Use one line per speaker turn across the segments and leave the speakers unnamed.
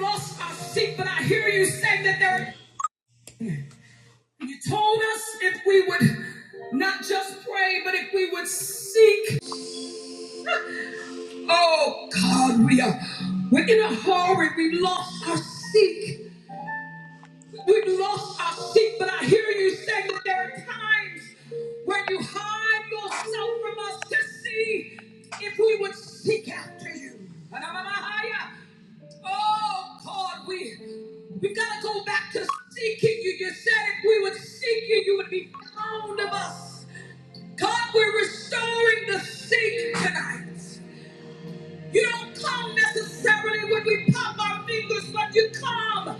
lost our sheep, but I hear you say that there. You told us if we would not just pray, but if we would seek. Oh God, we are. We're in a hurry. We've lost our seek. We've lost our sheep, but I hear you say that there are times when you hide yourself from us to see if we would seek after you. Oh God, we we gotta go back to seeking you. You said if we would seek you, you would be found of us. God, we're restoring the seek tonight. You don't come necessarily when we pop our fingers, but you come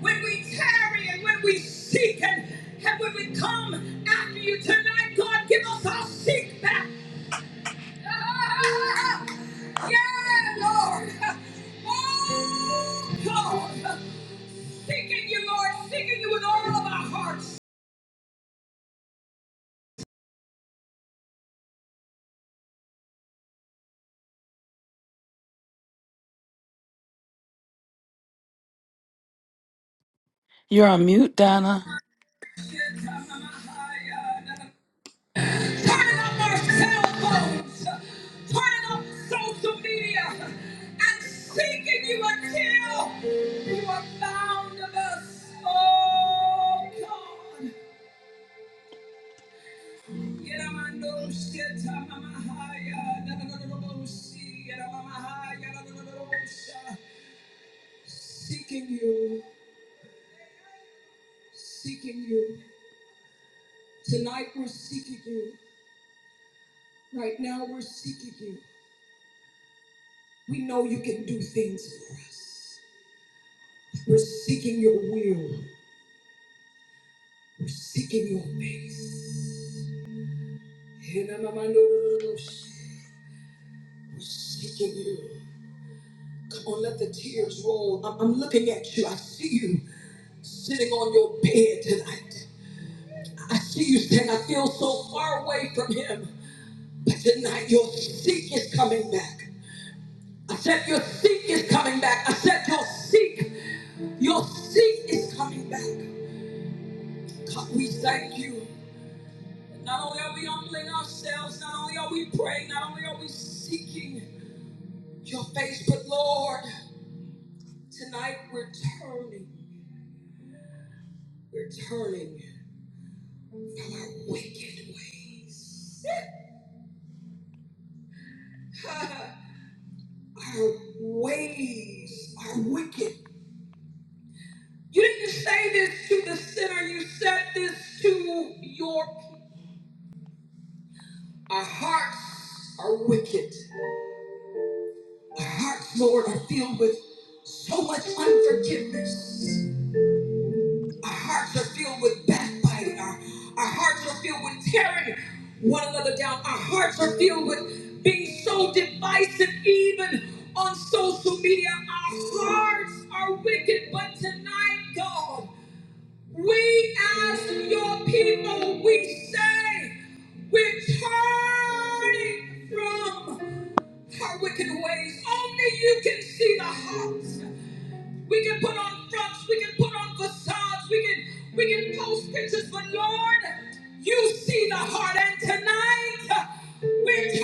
when we tarry and when we seek and, and when we come after you tonight. God, give us our seek back. Ah, yeah, Lord. Oh, God. Seeking you, Lord. Seeking you with all of our hearts.
You're on mute, Donna.
turning up our cell phones, turning up social media, and seeking you until you are found of us. Oh God. Seeking you, seeking you. Tonight we're seeking you. Right now we're seeking you. We know you can do things for us. We're seeking your will. We're seeking your face. We're seeking you. Come on, let the tears roll. I'm, I'm looking at you. I see you sitting on your bed tonight. I see you saying, I feel so far away from him. But tonight, your seek is coming back. I said, Your seek is coming back. I said, Your seek, your seek is coming back. God, we thank you. Not only are we humbling ourselves, not only are we praying, not only are we seeking your face, but Lord, tonight we're turning, we're turning from our wicked ways. our ways are wicked. You didn't say this to the sinner, you said this to your people. Our hearts are wicked. Our hearts, Lord, are filled with so much unforgiveness. Our hearts are filled with backbiting. Our, our hearts are filled with tearing one another down. Our hearts are filled with being so divisive, even on social media. Our hearts are wicked. But tonight, God, we as your people, we say, we're turning from our wicked ways. Only you can see the hearts. We can put on fronts, we can put on facades, we can we can post pictures, but Lord, you see the heart, and tonight uh, we're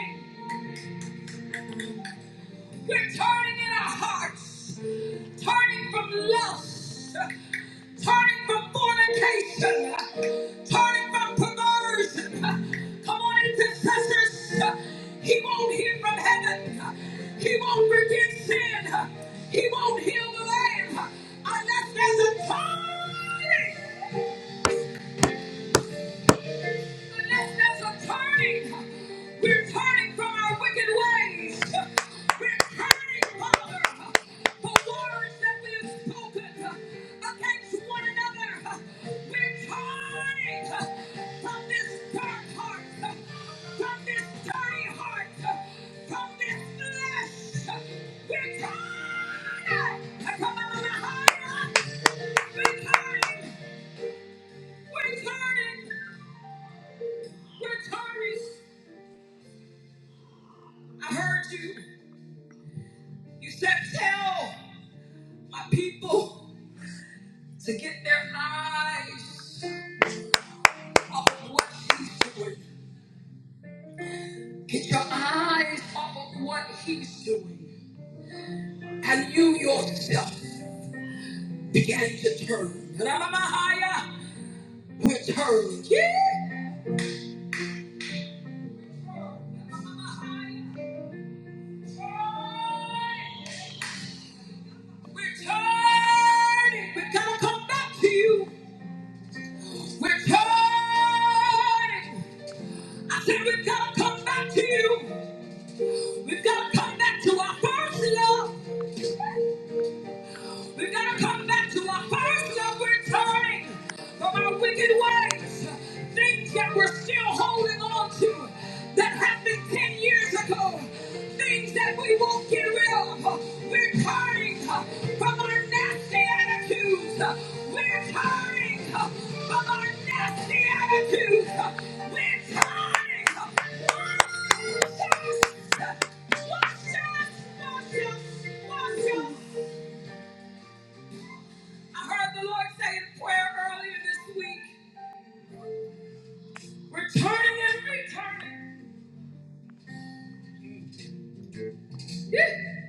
turning. We're turning in our hearts, turning from lust, turning from fornication, turning from perversion. Come on, intercessors. He won't hear from heaven. He won't forgive sin. He won't heal the land unless there's a turning. Unless there's a turning, we're turning from our wicked ways. We're turning, Father, for words that we have spoken against one another. We're turning from this dark heart, from this dirty heart, from this flesh. We're turning. Come on, higher. We're turning. We're turning. We're turning. I heard you. You said, tell my people to get their eyes off of what he's doing. Get your eyes off of what he's doing. And you yourself began to turn. ra ra ma we are turned. Yeah. ra ra we are turning. We're going to come back to you. We're turning. I said we've got to come back to you. We've got to come back to our first love. We're gonna come back to our first love. We're turning from our wicked ways, things that we're still holding on to that happened 10 years ago, things that we won't get rid of. We're turning from our nasty attitudes. We're turning from our nasty attitudes. We're turning. Wash us, wash us, wash us, wash us. I heard the Lord say in prayer earlier this week, returning and returning. Yeah.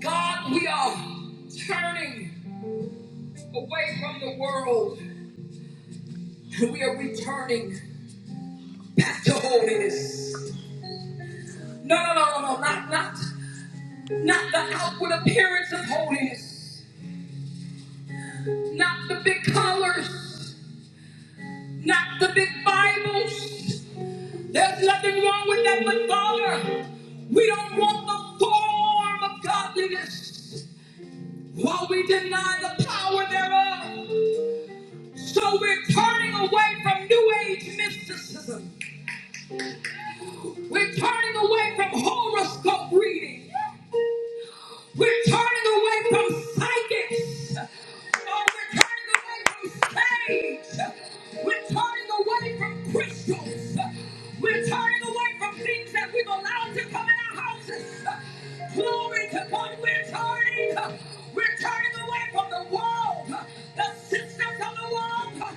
God, we are turning away from the world and we are returning back to holiness. No, no, no, no, no, not, not, not the outward appearance of holiness, not the big colors, not the big Bibles. There's nothing wrong with that, but Father, we don't want the form of godliness. while we deny the power thereof. So we're turning away from New Age mysticism. We're turning away from horoscope reading. We're turning away from psychics. Oh, we're turning away from sage. We're turning away from crystals. We're turning away from things that we've allowed to come in our houses. Glory to God. We're turning. We're turning away from the world, the systems of the world,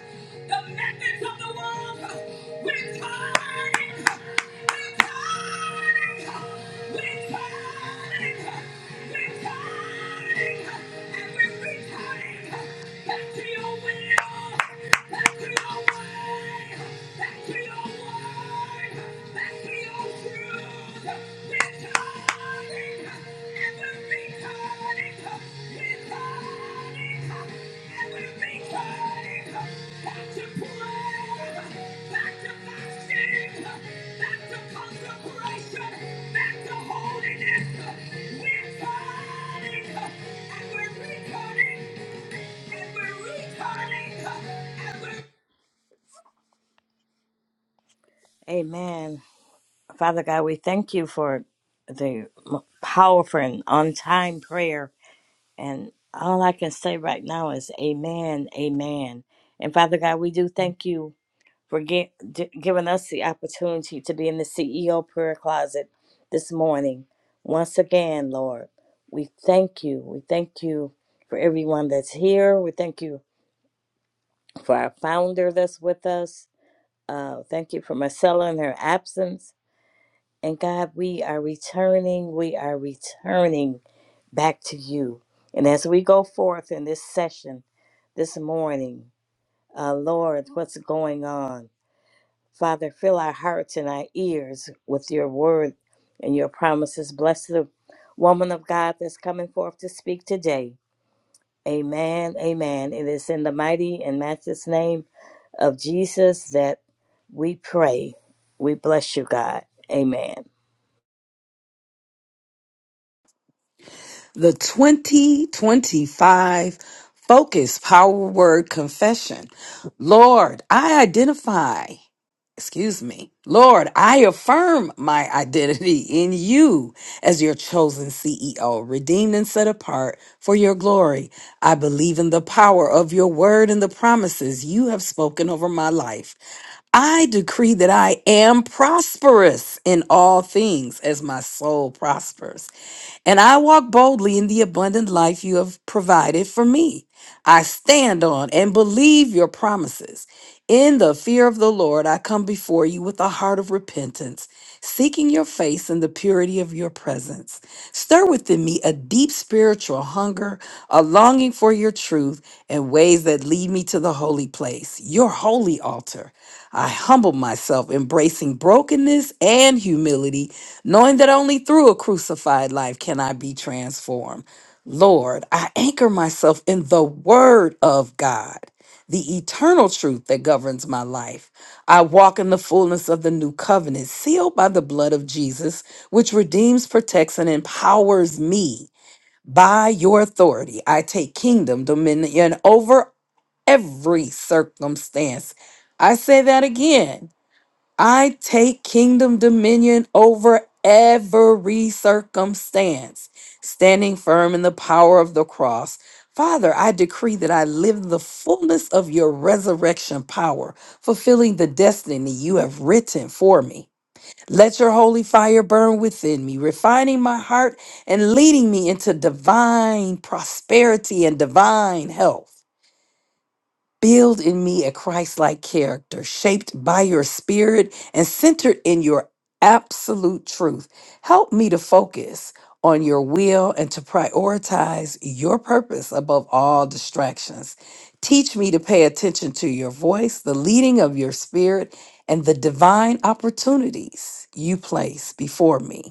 the methods of the world. We're turning, we're turning, we're turning, we're turning, and we're returning back to your will, back to your way, back to your word, back to your truth. We're turning.
Amen. Father God, we thank you for the m- powerful and on time prayer. And all I can say right now is amen, amen. And Father God, we do thank you for gi- d- giving us the opportunity to be in the CEO prayer closet this morning. Once again, Lord, we thank you. We thank you for everyone that's here. We thank you for our founder that's with us. Uh, thank you for Marcella and her absence. And God, we are returning, we are returning back to you. And as we go forth in this session this morning, uh, Lord, what's going on? Father, fill our hearts and our ears with your word and your promises. Bless the woman of God that's coming forth to speak today. Amen. Amen. It is in the mighty and matchless name of Jesus that we pray. We bless you, God. Amen.
the 2025 Focus Power Word Confession. Lord, I identify. excuse me, Lord, I affirm my identity in you as your chosen CEO, redeemed and set apart for your glory. I believe in the power of your word and the promises you have spoken over my life. I decree that I am prosperous in all things as my soul prospers. And I walk boldly in the abundant life you have provided for me. I stand on and believe your promises. In the fear of the Lord, I come before you with a heart of repentance, seeking your face and the purity of your presence. Stir within me a deep spiritual hunger, a longing for your truth, and ways that lead me to the holy place, your holy altar. I humble myself, embracing brokenness and humility, knowing that only through a crucified life can I be transformed. Lord, I anchor myself in the Word of God the eternal truth that governs my life. I walk in the fullness of the new covenant, sealed by the blood of Jesus, which redeems, protects, and empowers me. By your authority, I take kingdom, dominion over every circumstance. I say that again. I take kingdom dominion over every circumstance, standing firm in the power of the cross. Father, I decree that I live the fullness of your resurrection power, fulfilling the destiny you have written for me. Let your holy fire burn within me, refining my heart and leading me into divine prosperity and divine health. Build in me a Christ like character, shaped by your spirit and centered in your absolute truth. Help me to focus on your will and to prioritize your purpose above all distractions. Teach me to pay attention to your voice, the leading of your spirit, and the divine opportunities you place before me.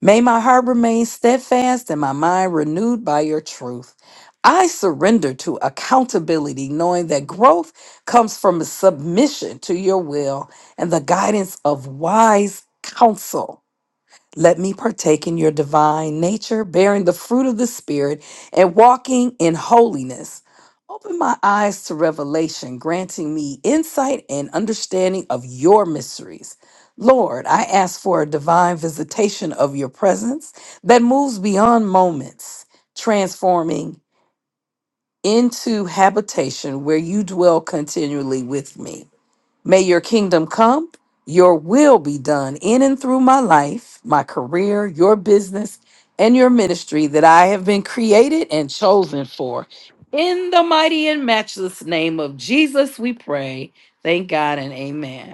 May my heart remain steadfast and my mind renewed by your truth. I surrender to accountability, knowing that growth comes from a submission to your will and the guidance of wise counsel. Let me partake in your divine nature, bearing the fruit of the Spirit and walking in holiness. Open my eyes to revelation, granting me insight and understanding of your mysteries. Lord, I ask for a divine visitation of your presence that moves beyond moments, transforming into habitation where you dwell continually with me. May your kingdom come, your will be done in and through my life, my career, your business, and your ministry that I have been created and chosen for. In the mighty and matchless name of Jesus, we pray. Thank God and amen.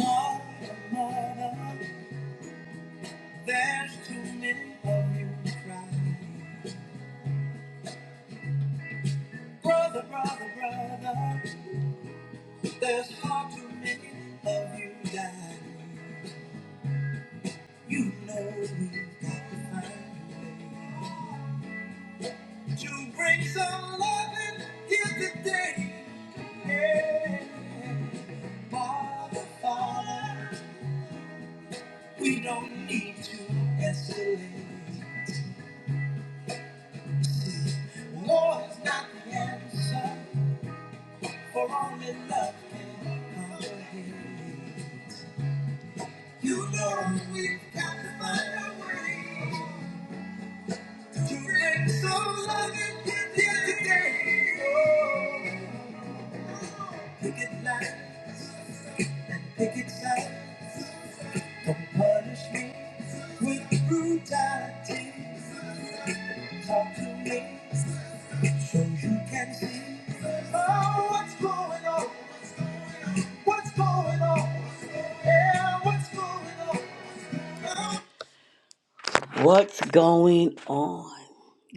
More and more, there's too many of you to try. Brother, brother, brother, there's far too many of you dying. You know we've got to find a way to bring some loving here today. Yeah. Father, Father, we don't need to escalate. War is not the answer, for only love can comprehend. You know we've got to find a way. What's going on?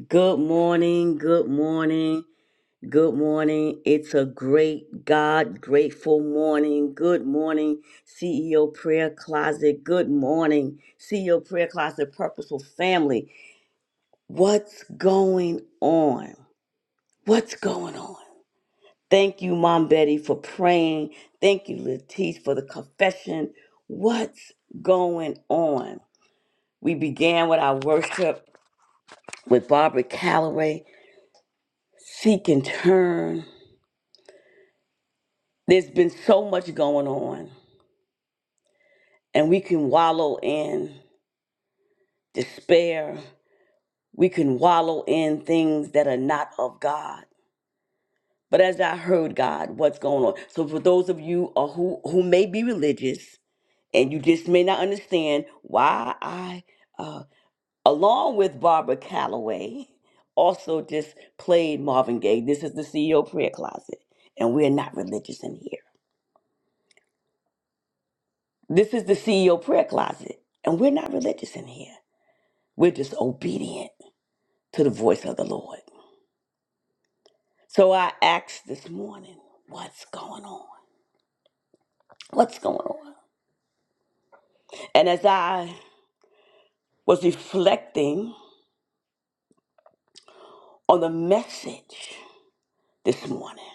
Good morning, good morning. Good morning. It's a great God grateful morning. Good morning, CEO Prayer Closet. Good morning, CEO Prayer Closet Purposeful Family. What's going on? What's going on? Thank you, Mom Betty, for praying. Thank you, Letice, for the confession. What's going on? We began with our worship with Barbara Calloway, Seek and Turn. There's been so much going on. and we can wallow in despair. We can wallow in things that are not of God. But as I heard God, what's going on? So for those of you uh, who who may be religious and you just may not understand why I, uh, along with Barbara Calloway, also just played Marvin Gaye. This is the CEO prayer closet, and we're not religious in here. This is the CEO prayer closet, and we're not religious in here. We're just obedient to the voice of the Lord. So I asked this morning, what's going on? What's going on? And as I was reflecting on the message this morning,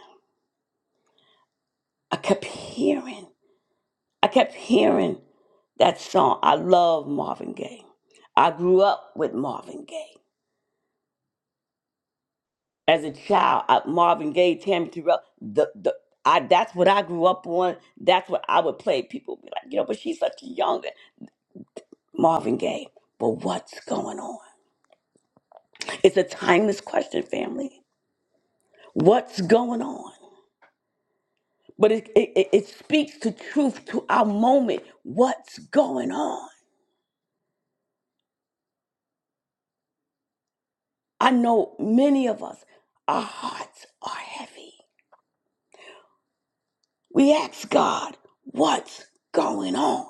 I kept hearing, I kept hearing that song. I love Marvin Gaye. I grew up with Marvin Gaye. As a child, I, Marvin Gaye, Tammy Terrell, the, the, I, that's what I grew up on. That's what I would play. People would be like, you know, but she's such a young Marvin Gaye. But what's going on? It's a timeless question, family. What's going on? But it, it, it speaks to truth to our moment. What's going on? I know many of us, our hearts are heavy. We ask God, what's going on?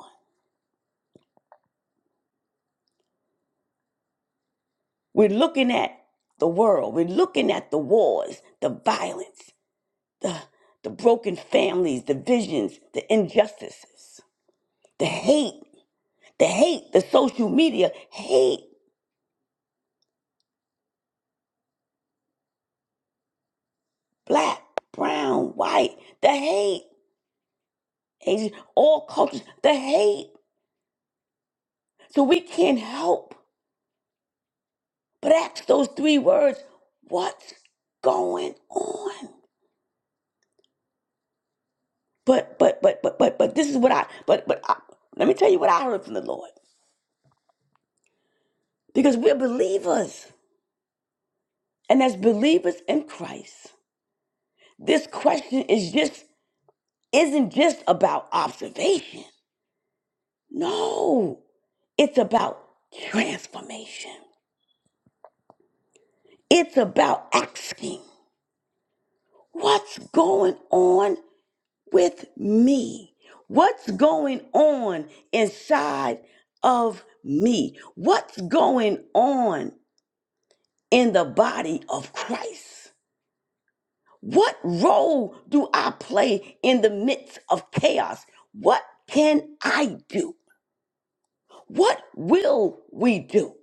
We're looking at the world. We're looking at the wars, the violence, the, the broken families, the divisions, the injustices, the hate, the hate, the social media hate. black, brown, white, the hate, Asian, all cultures, the hate. So we can't help but ask those three words, what's going on? But but but but but but this is what I but but I, let me tell you what I heard from the Lord. Because we're believers. And as believers in Christ, this question is just isn't just about observation. No, it's about transformation. It's about asking. What's going on with me? What's going on inside of me? What's going on in the body of Christ? What role do I play in the midst of chaos? What can I do? What will we do?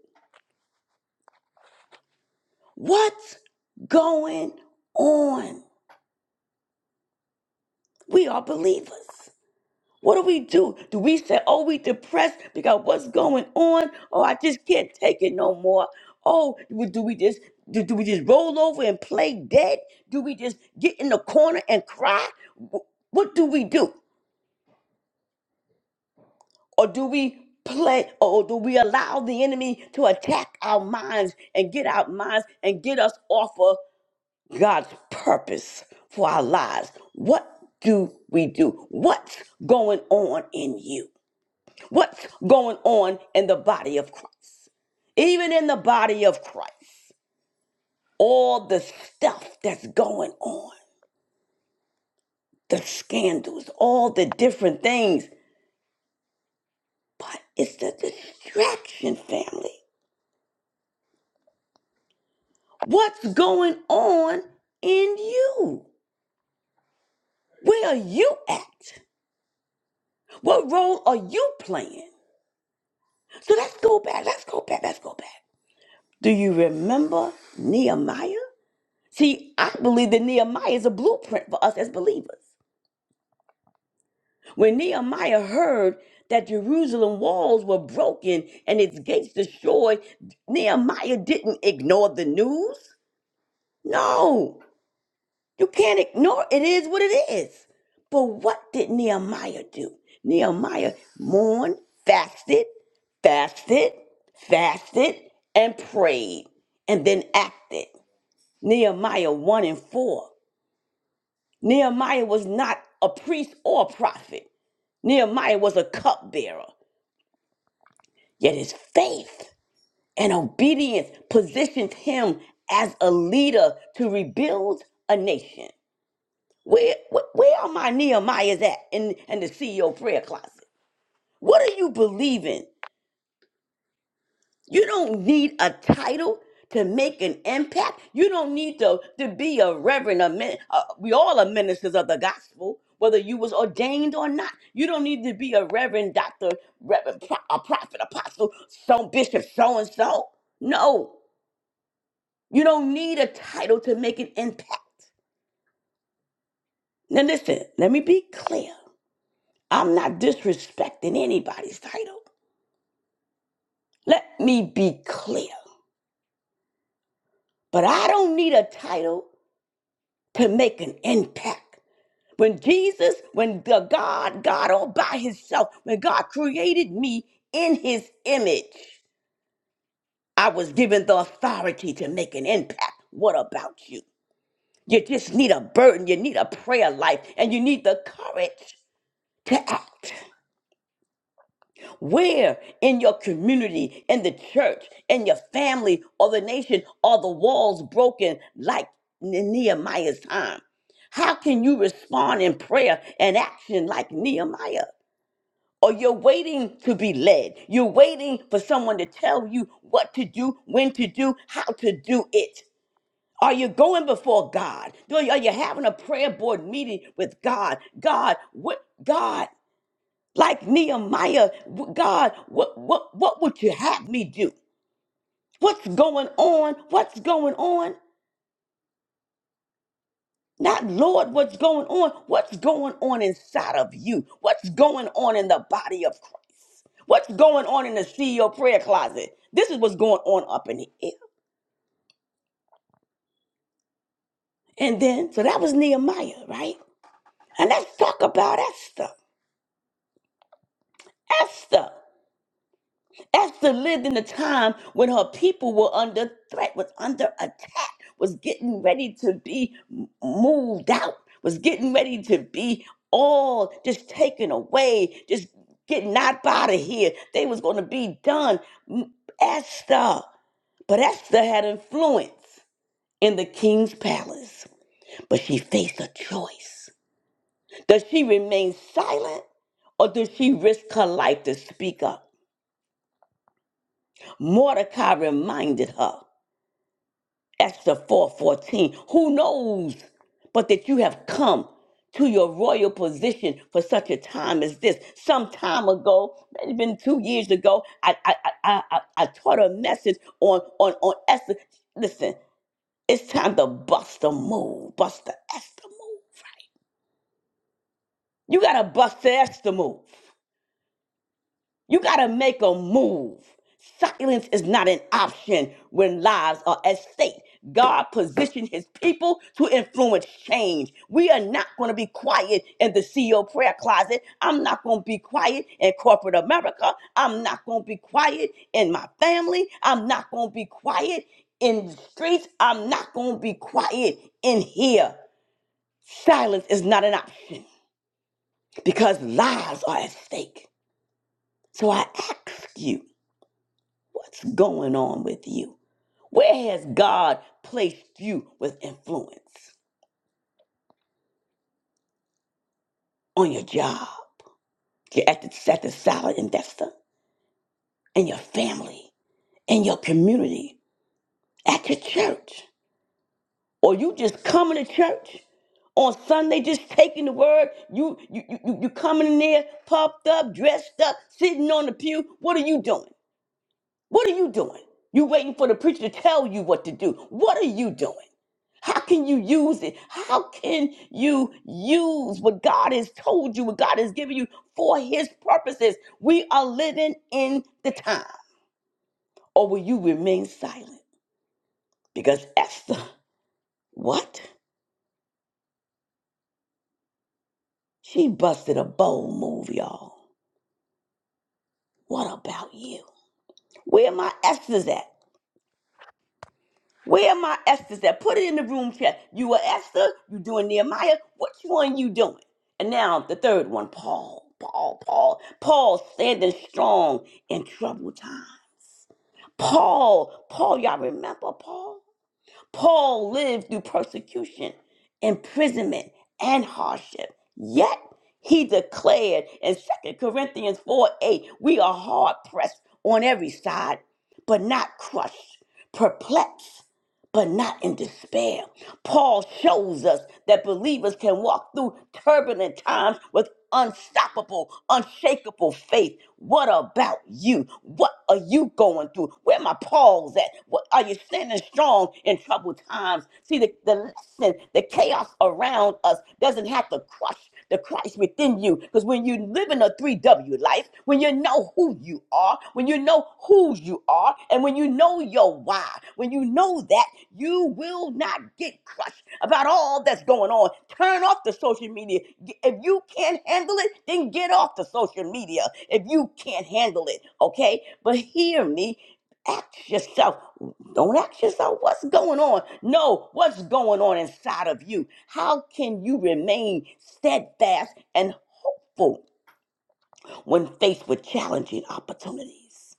What's going on? We are believers. What do we do? Do we say, oh, we depressed because what's going on? Oh, I just can't take it no more. Oh, w- do we just do, do we just roll over and play dead? Do we just get in the corner and cry? Wh- What do we do? Or do we play or do we allow the enemy to attack our minds and get our minds and get us off of God's purpose for our lives? What do we do? What's going on in you? What's going on in the body of Christ? Even in the body of Christ, all the stuff that's going on, the scandals, all the different things, but it's the distraction, family. What's going on in you? Where are you at? What role are you playing? So let's go back, let's go back, let's go back. Do you remember Nehemiah? See, I believe that Nehemiah is a blueprint for us as believers. When Nehemiah heard that Jerusalem walls were broken and its gates destroyed, Nehemiah didn't ignore the news. No, you can't ignore it It is what it is. But what did Nehemiah do? Nehemiah mourned, fasted, fasted, fasted, and prayed, and then acted. Nehemiah 1 and 4. Nehemiah was not a priest or a prophet. Nehemiah was a cupbearer. Yet his faith and obedience positioned him as a leader to rebuild a nation. Where, where, where are my Nehemiahs at in, in the CEO prayer closet? What are you believing? You don't need a title to make an impact. You don't need to, to be a reverend. A min, uh, we all are ministers of the gospel, whether you was ordained or not. You don't need to be a reverend, doctor, reverend, pro- a prophet, apostle, some bishop, so and so. No, You don't need a title to make an impact. Now, listen, let me be clear. I'm not disrespecting anybody's title. Let me be clear. But I don't need a title to make an impact. When Jesus, when the God, God all by himself, when God created me in his image, I was given the authority to make an impact. What about you? You just need a burden, you need a prayer life, and you need the courage to act. Where in your community, in the church, in your family, or the nation are the walls broken like in Nehemiah's time? How can you respond in prayer and action like Nehemiah? Or you're waiting to be led. You're waiting for someone to tell you what to do, when to do, how to do it. Are you going before God? Are you are you having a prayer board meeting with God? God, what God? like Nehemiah, w- God, what what what would you have me do? What's going on? What's going on? Not Lord, what's going on? What's going on inside of you? What's going on in the body of Christ? What's going on in the CEO prayer closet? This is what's going on up in here. And then, so that was Nehemiah, right? And let's talk about Esther. Esther. Esther lived in a time when her people were under threat, was under attack, was getting ready to be m- moved out, was getting ready to be all just taken away, just getting out out of here. They was going to be done. M- Esther, but Esther had influence in the king's palace, but she faced a choice. Does she remain silent or does she risk her life to speak up? Mordecai reminded her. Esther 4:14. Who knows but that you have come to your royal position for such a time as this. Some time ago, it's been two years ago, I I I I, I taught a message on, on, on Esther. Listen, it's time to bust the move. Bust the Esther move. You gotta bust the Esther move. You got to make a move. Silence is not an option when lives are at stake. God positioned his people to influence change. We are not going to be quiet in the CEO prayer closet. I'm not going to be quiet in corporate America. I'm not going to be quiet in my family. I'm not going to be quiet in the streets. I'm not going to be quiet in here. Silence is not an option because lives are at stake. So I ask you. What's going on with you? Where has God placed you with influence? On your job, your- at the, at the salad investor, in your family, in your community, at your church. Or you just coming to church on Sunday, just taking the word. You you you, you you coming in there, puffed up, dressed up, sitting on the pew. What are you doing? What are you doing? You waiting for the preacher to tell you what to do. What are you doing? How can you use it? How can you use what God has told you, what God has given you for his purposes? We are living in the time. Or will you remain silent? Because Esther, what? She busted a bold move, y'all. What about you? Where are my Esther's at? Where are my Esther's that put it in the room chat? You are Esther, you doing Nehemiah. Which one you doing? And now the third one, Paul, Paul, Paul. Paul standing strong in troubled times. Paul, Paul, y'all remember Paul? Paul lived through persecution, imprisonment, and hardship. Yet he declared in Second Corinthians 4 8, we are hard pressed on every side, but not crushed, perplexed but not in despair. Paul shows us that believers can walk through turbulent times with unstoppable, unshakable faith. What about you? What are you going through? Where my Paul's at? What, are you standing strong in troubled times? See, the, the lesson, the chaos around us doesn't have to crush the Christ within you. Because when you live in a 3W life, when you know who you are, when you know whose you are, and when you know your why, when you know that, you will not get crushed about all that's going on. Turn off the social media. G- If you can't handle it, then get off the social media. If you can't handle it, okay? But hear me. Ask yourself, don't ask yourself what's going on. No, what's going on inside of you? How can you remain steadfast and hopeful when faced with challenging opportunities,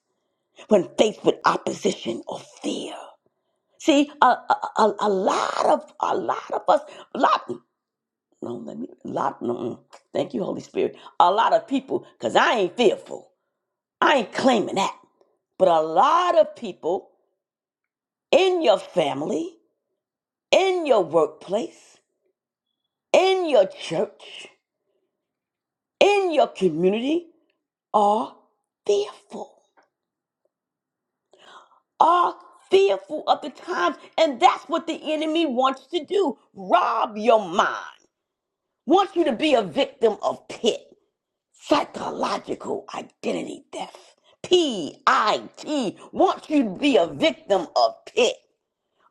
when faced with opposition or fear? See, a, a, a a lot of a lot of us, a lot, no, let me, a lot, no, mm. thank you, Holy Spirit. A lot of people, because I ain't fearful. I ain't claiming that. But a lot of people in your family in your workplace, in your church, in your community are fearful, are fearful of the times. And that's what the enemy wants to do rob your mind, wants you to be a victim of pit, psychological identity theft. P I T wants you to be a victim of pit.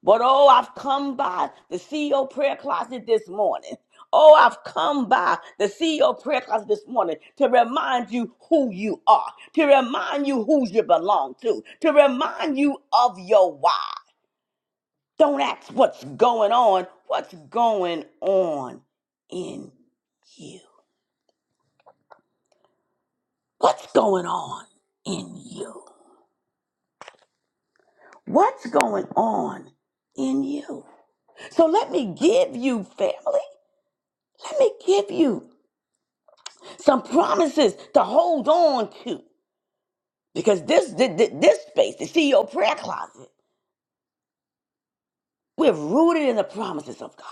But oh, I've come by the CEO prayer closet this morning. Oh, I've come by the CEO prayer closet this morning to remind you who you are, to remind you who you belong to, to remind you of your why. Don't ask what's going on, what's going on in you? What's going on in you? What's going on in you? So let me give you, family, let me give you some promises to hold on to because this thi- thi- this space, the CEO prayer closet, we're rooted in the promises of God,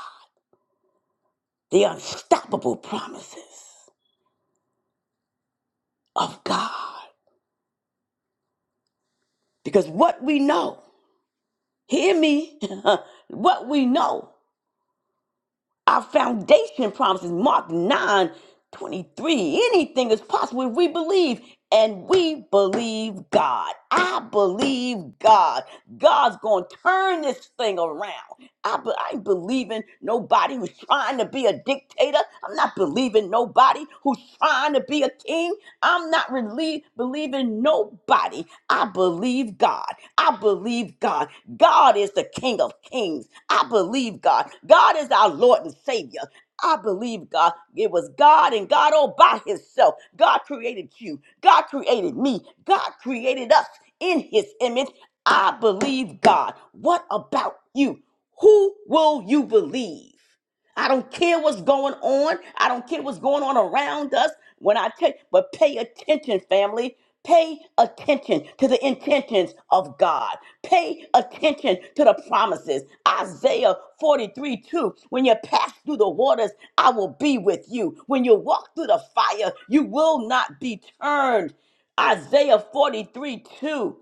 the unstoppable promises of God. Because what we know, hear me, what we know. Our foundation promises, Mark 9 23. Anything is possible if we believe, and we believe God. I believe God. God's going to turn this thing around. I, be- I ain't believing nobody who's trying to be a dictator. I'm not believing nobody who's trying to be a king. I'm not really believing nobody body. I believe God. I believe God. God is the King of Kings. I believe God. God is our Lord and Savior. I believe God. It was God and God all by Himself. God created you. God created me. God created us in His image. I believe God. What about you? Who will you believe? I don't care what's going on. I don't care what's going on around us. When I tell but pay attention, family. Pay attention to the intentions of God. Pay attention to the promises. Isaiah 43 2. When you pass through the waters, I will be with you. When you walk through the fire, you will not be turned. Isaiah 43 2.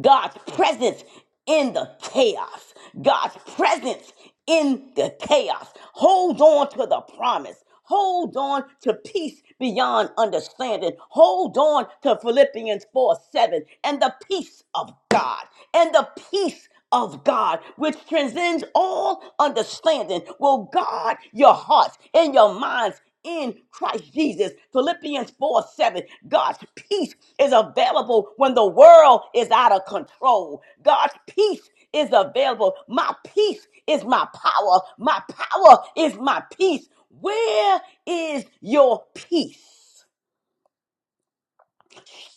God's presence in the chaos. God's presence in the chaos. Hold on to the promise. Hold on to peace beyond understanding. Hold on to Philippians 4 7 and the peace of God and the peace of God, which transcends all understanding, will guard your hearts and your minds in Christ Jesus. Philippians 4 7. God's peace is available when the world is out of control. God's peace is available. My peace is my power. My power is my peace. Where is your peace?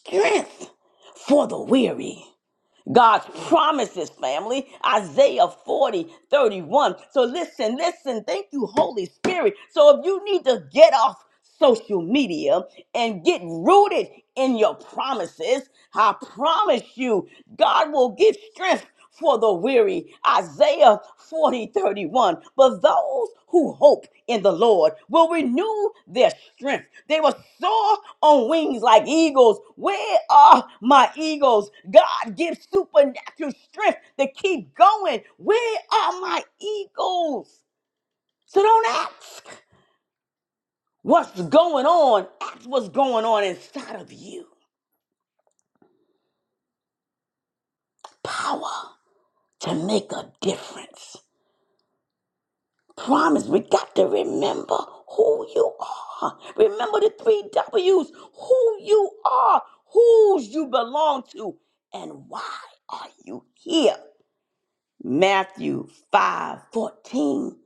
Strength for the weary God's promises, family. Isaiah 40 31. So listen, listen. Thank you, Holy Spirit. So if you need to get off social media and get rooted in your promises, I promise you, God will give strength for the weary. Isaiah forty thirty one. 31. But those who hope in the Lord will renew their strength. They will soar on wings like eagles. Where are my eagles? God gives supernatural strength to keep going. Where are my eagles? So don't ask what's going on, ask what's going on inside of you. Power to make a difference. promise. We got to remember who you are. Remember the three W's who you are, whose you belong to, and why are you here? Matthew five fourteen.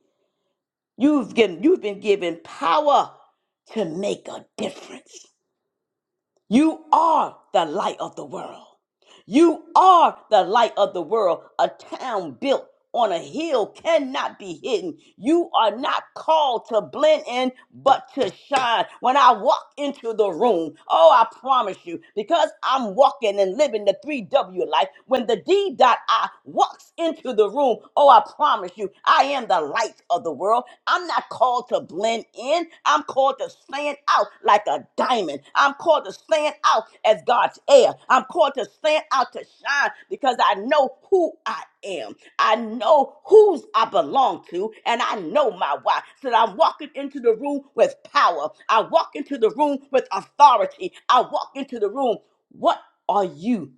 You've, given, you've been given power to make a difference. You are the light of the world. You are the light of the world. A town built on a hill cannot be hidden. You are not called to blend in, but to shine. When I walk into the room, oh, I promise you, because I'm walking and living the 3W life, when the D dot I walks into the room, oh, I promise you, I am the light of the world. I'm not called called to blend in. I'm called to stand out like a diamond. I'm called to stand out as God's heir. I'm called to stand out to shine because I know who I am. I know whose I belong to, and I know my why. So that I'm walking into the room with power. I walk into the room with authority. I walk into the room. What are you?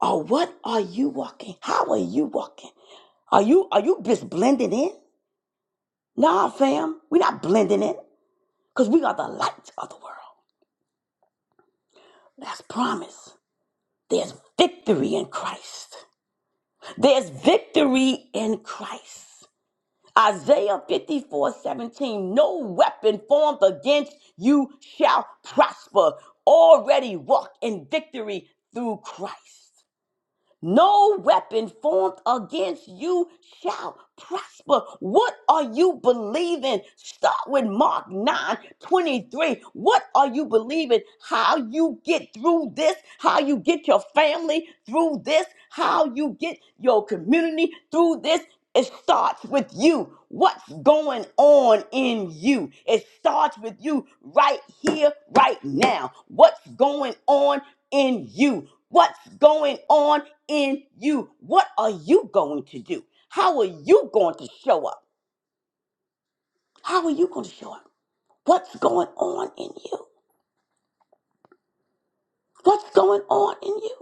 Or what are you walking? How are you walking? Are you are you just blending in? Nah, fam, we're not blending in because we are the light of the world. That's promise. There's victory in Christ. There's victory in Christ. Isaiah 54:17. No weapon formed against you shall prosper. Already walk in victory through Christ. No weapon formed against you shall prosper. What are you believing? Start with Mark 9 23. What are you believing? How you get through this, how you get your family through this, how you get your community through this. It starts with you. What's going on in you? It starts with you right here, right now. What's going on in you? What's going on in you? What are you going to do? How are you going to show up? How are you going to show up? What's going on in you? What's going on in you?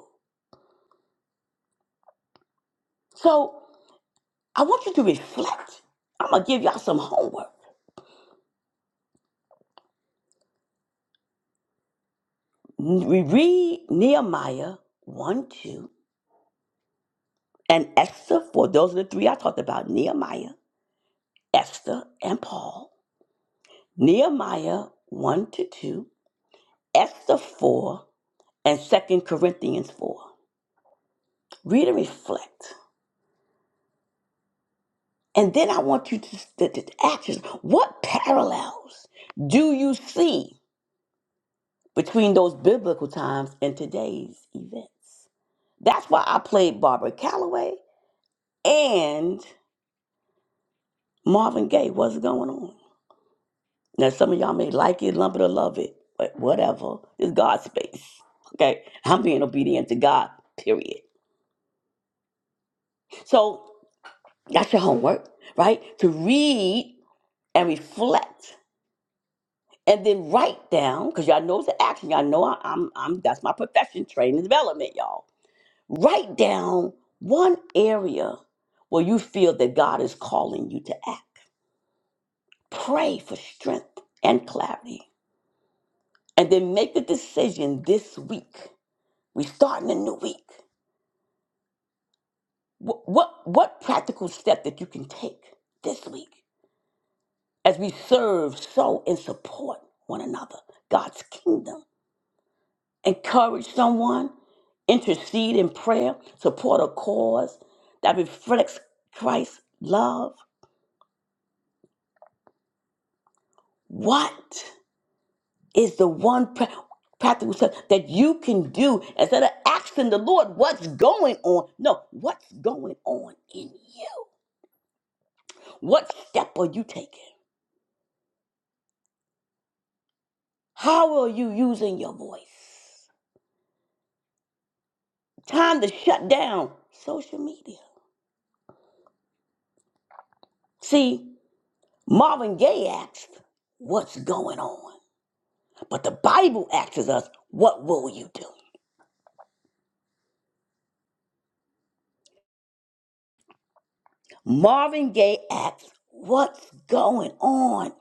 So I want you to reflect. I'm going to give y'all some homework. We read Nehemiah 1 2 and Esther, for those are the three I talked about Nehemiah, Esther, and Paul. Nehemiah 1 to 2, Esther 4, and Second Corinthians 4. Read and reflect. And then I want you to, to, to ask yourself, what parallels do you see between those biblical times and today's events? That's why I played Barbara Calloway and Marvin Gaye. What's going on? Now, some of y'all may like it, lump it, or love it, but whatever. It's God's space. Okay? I'm being obedient to God, period. So that's your homework, right? To read and reflect and then write down because y'all know it's an action. Y'all know I, am I'm I'm- that's my profession, training and development, y'all. Write down one area where you feel that God is calling you to act. Pray for strength and clarity, and then make the decision this week. We starting a new week. What what, what practical step that you can take this week as we serve, sow, and support one another, God's kingdom. encourage someone, intercede in prayer, support a cause that reflects Christ's love? What is the one pra- practical step that you can do instead of asking the Lord what's going on? No, what's going on in you? What step are you taking? How are you using your voice? Time to shut down social media. See, Marvin Gaye asked, What's going on? But the Bible asks us, what will you do? Marvin Gaye asks, what's going on?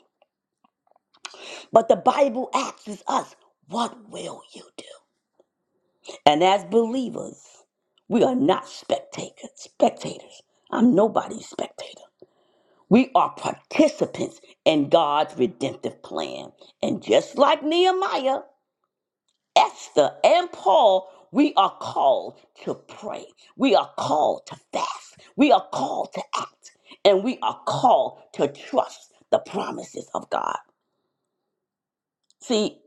But the Bible asks us, what will you do? And as believers, we are not spectators. Spectators. I'm nobody's spectator. We are participants in God's redemptive plan. And just like Nehemiah, Esther and Paul, we are called to pray. We are called to fast. We are called to act. And we are called to trust the promises of God. See,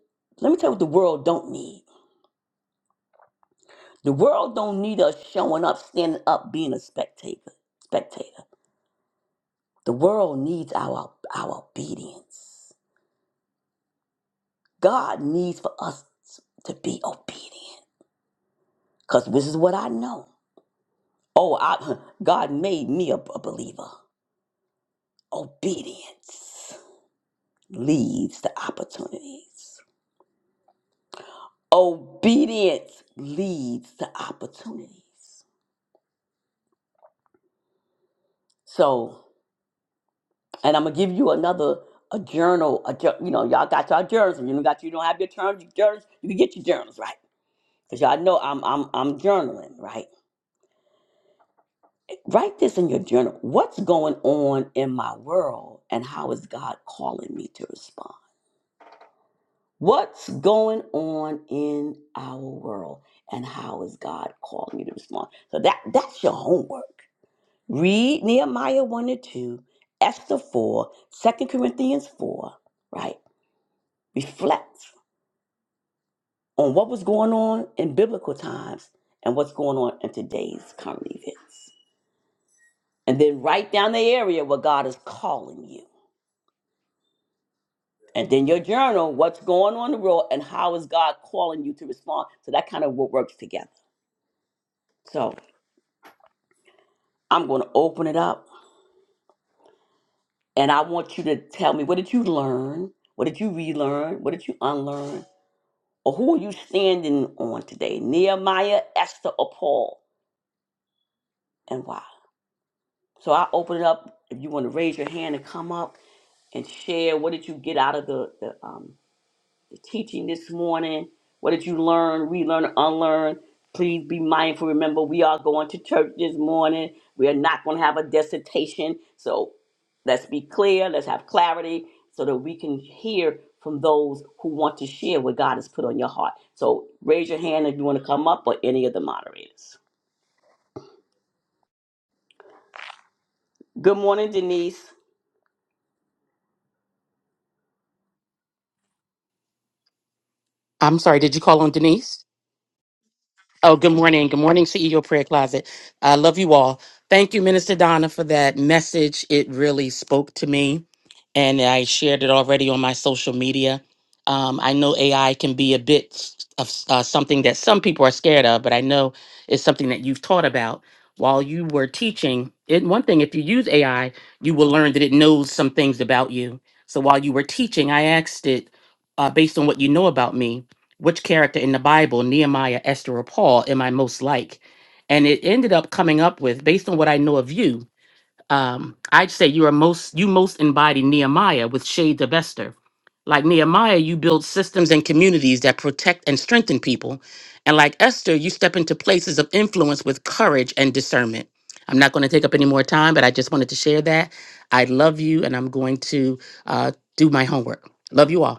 let me tell you what the world don't need. The world don't need us showing up, standing up, being a spectator. Spectator. The world needs our our obedience. God needs for us to be obedient. Because this is what I know. Oh, I, God made me a a believer. Obedience leads to opportunities. Obedience leads to opportunities. So, and I'm gonna give you another a journal. A jour- you know, y'all got y'all journals. If you don't got you don't have your journals. Your Journals, you can get your journals right because y'all know I'm I'm I'm journaling right. Write this in your journal. What's going on in my world, and how is God calling me to respond? What's going on in our world and how is God calling you to respond? So that that's your homework. Read Nehemiah 1 and 2, Esther 4, Second Corinthians 4, right? Reflect on what was going on in biblical times and what's going on in today's current events. And then write down the area where God is calling you. And then your journal, what's going on in the world and how is God calling you to respond? So that kind of wo- works together. So I'm going to open it up and I want you to tell me what did you learn? What did you relearn? What did you unlearn? Or who are you standing on today? Nehemiah, Esther, or Paul? And why? So I open it up. If you want to raise your hand and come up and share, what did you get out of the, the um, teaching this morning. What did you learn, relearn, unlearn? Please be mindful. Remember, we are going to church this morning. We are not going to have a dissertation. So let's be clear, let's have clarity so that we can hear from those who want to share what God has put on your heart. So raise your hand if you want to come up or any of the moderators. Good morning, Denise.
I'm sorry, did you call on Denise? Oh, good morning. Good morning, CEO Prayer Closet. I love you all. Thank you, Minister Donna, for that message. It really spoke to me, and I shared it already on my social media. Um, I know AI can be a bit of uh, something that some people are scared of, but I know it's something that you've taught about while you were teaching. It, one thing, if you use AI, you will learn that it knows some things about you. So while you were teaching, I asked it uh, based on what you know about me which character in the Bible, Nehemiah, Esther, or Paul, am I most like? And it ended up coming up with, based on what I know of you, um, I'd say you are most you most embody Nehemiah with shades of Esther. Like Nehemiah, you build systems and communities that protect and strengthen people. And like Esther, you step into places of influence with courage and discernment. I'm not going to take up any more time, but I just wanted to share that. I love you, and I'm going to uh, do my homework. Love you all.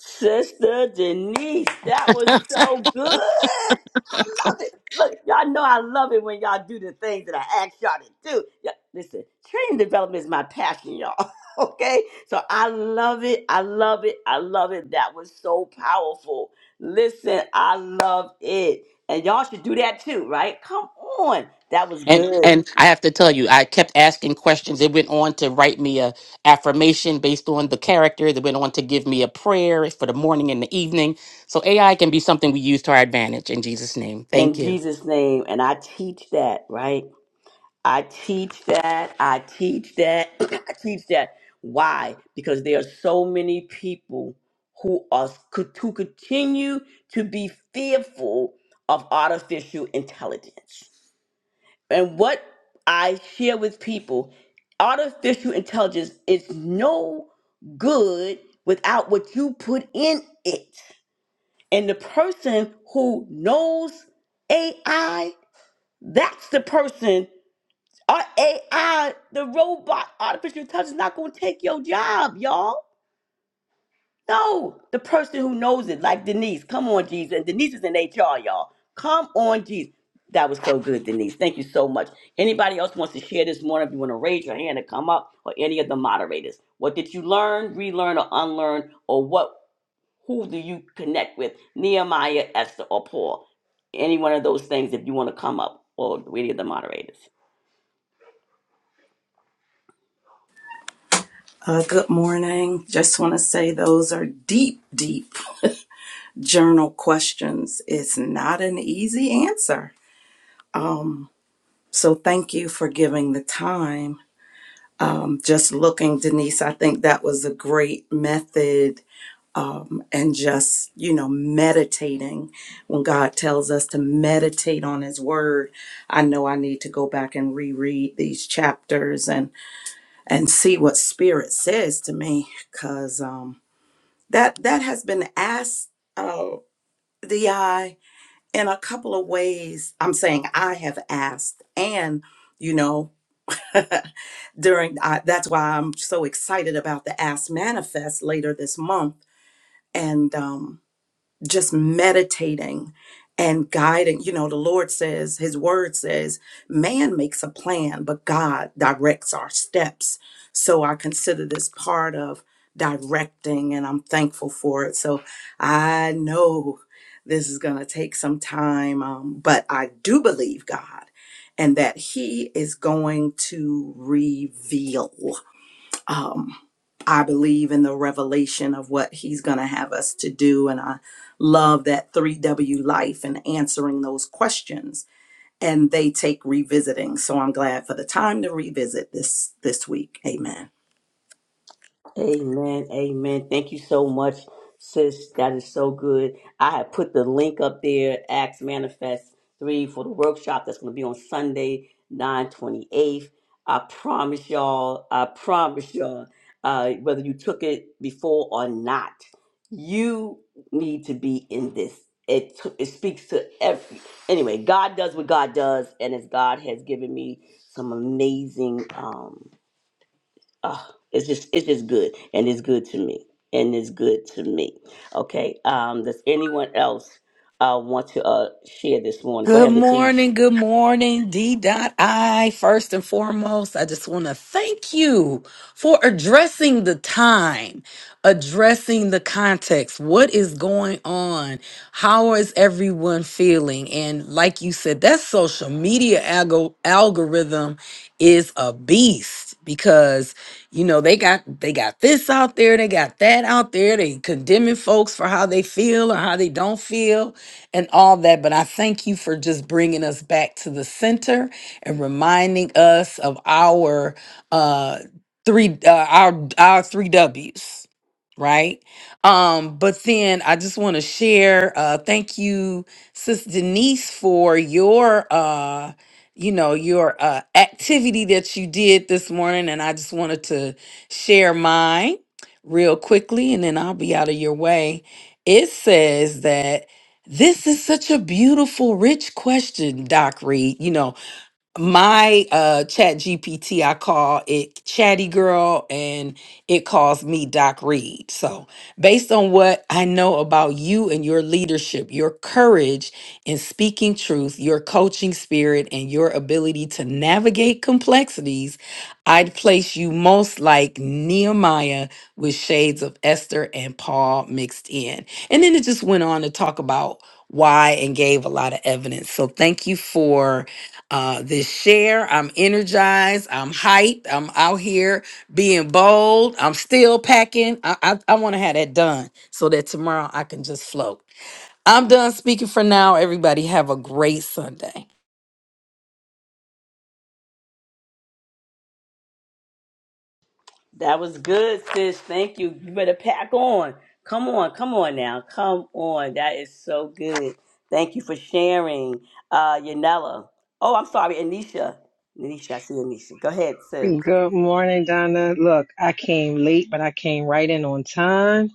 Sister Denise, that was so good. I love it. Look, y'all know I love it when y'all do the things that I ask y'all to do. Yeah, listen, training development is my passion, y'all. okay? So I love it. I love it. I love it. That was so powerful. Listen, I love it. And y'all should do that too, right? Come on. That was
And
good.
and I have to tell you, I kept asking questions. It went on to write me a affirmation based on the character. It went on to give me a prayer for the morning and the evening. So AI can be something we use to our advantage. In Jesus' name,
In
thank you.
Jesus' name. And I teach that, right? I teach that. I teach that. I teach that. Why? Because there are so many people who are could to continue to be fearful of artificial intelligence. And what I share with people, artificial intelligence is no good without what you put in it. And the person who knows AI, that's the person our AI, the robot, artificial intelligence, not gonna take your job, y'all. No, the person who knows it, like Denise. Come on, Jesus. And Denise is in HR, y'all. Come on, Jesus. That was so good, Denise. Thank you so much. Anybody else wants to share this morning? If you want to raise your hand and come up, or any of the moderators, what did you learn, relearn, or unlearn, or what? Who do you connect with? Nehemiah, Esther, or Paul? Any one of those things. If you want to come up, or any of the moderators.
Uh, good morning. Just want to say those are deep, deep journal questions. It's not an easy answer. Um, so thank you for giving the time. Um, just looking, Denise, I think that was a great method. Um, and just, you know, meditating when God tells us to meditate on his word. I know I need to go back and reread these chapters and, and see what spirit says to me. Cause, um, that that has been asked uh, the eye in a couple of ways i'm saying i have asked and you know during I, that's why i'm so excited about the ask manifest later this month and um just meditating and guiding. You know, the Lord says, His word says, man makes a plan, but God directs our steps. So I consider this part of directing, and I'm thankful for it. So I know this is going to take some time, um, but I do believe God and that He is going to reveal um, I believe in the revelation of what He's going to have us to do. And I love that 3W life and answering those questions. And they take revisiting. So I'm glad for the time to revisit this this week. Amen.
Amen. Amen. Thank you so much, sis. That is so good. I have put the link up there, Acts Manifest 3 for the workshop that's going to be on Sunday, nine twenty eighth. I promise y'all, I promise y'all, uh, whether you took it before or not, you need to be in this. It, t- it speaks to every. Anyway, God does what God does, and as God has given me some amazing. Um, oh, it's just it's just good and it's good to me and it's good to me okay um does anyone else uh want to uh share this morning go
Good
ahead latish
morning, good morning, D.I. First and foremost, I just want to thank you for addressing the time, addressing the context. What is going on? How is everyone feeling? And like you said, that social media algo- algorithm is a beast because you know they got they got this out there, they got that out there, they condemning folks for how they feel or how they don't feel and all that. But I thank you for just bringing us back to the center and reminding us of our uh three uh, our our three W's, right? Um, but then I just want to share. Uh, thank you, Sis Denise, for your uh you know your uh, activity that you did this morning and i just wanted to share mine real quickly and then i'll be out of your way it says that this is such a beautiful rich question doc reed you know my uh chat gpt i call it chatty girl and it calls me doc reed so based on what i know about you and your leadership your courage in speaking truth your coaching spirit and your ability to navigate complexities i'd place you most like nehemiah with shades of esther and paul mixed in and then it just went on to talk about why and gave a lot of evidence so thank you for uh, this share. I'm energized. I'm hyped. I'm out here being bold. I'm still packing. I, I, I want to have that done so that tomorrow I can just float. I'm done speaking for now. Everybody have a great Sunday.
that was good sis thank you you better pack on come on come on now come on that is so good thank you for sharing uh yanela oh i'm sorry anisha anisha i see anisha go ahead sis
Good morning, Donna. Look, I came late, but I came right in on time.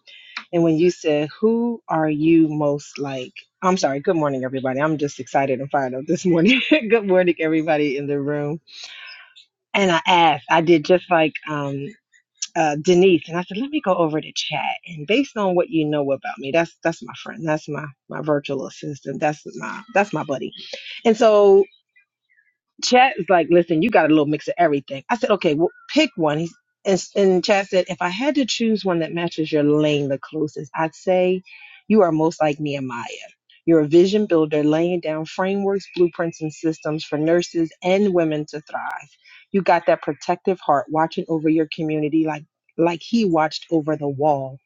And when you said, Who are you most like? I'm sorry. Good morning, everybody. I'm just excited and fired up this morning. good morning, everybody in the room. And I asked, I did just like um, uh, Denise, and I said, Let me go over the chat. And based on what you know about me, that's that's my friend. That's my my virtual assistant. That's my that's my buddy. And so Chad is like, listen, you got a little mix of everything. I said, okay, well, pick one. He's, and, and Chad said, if I had to choose one that matches your lane the closest, I'd say you are most like Nehemiah. You're a vision builder laying down frameworks, blueprints, and systems for nurses and women to thrive. You got that protective heart watching over your community like like he watched over the wall.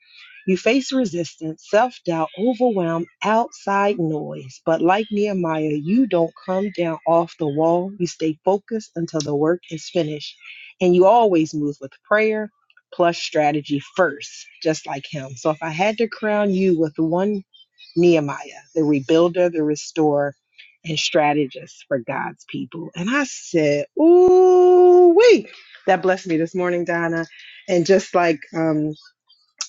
You face resistance, self doubt, overwhelm, outside noise. But like Nehemiah, you don't come down off the wall. You stay focused until the work is finished. And you always move with prayer plus strategy first, just like him. So if I had to crown you with one Nehemiah, the rebuilder, the restorer, and strategist for God's people. And I said, Ooh, wait. That blessed me this morning, Donna. And just like um,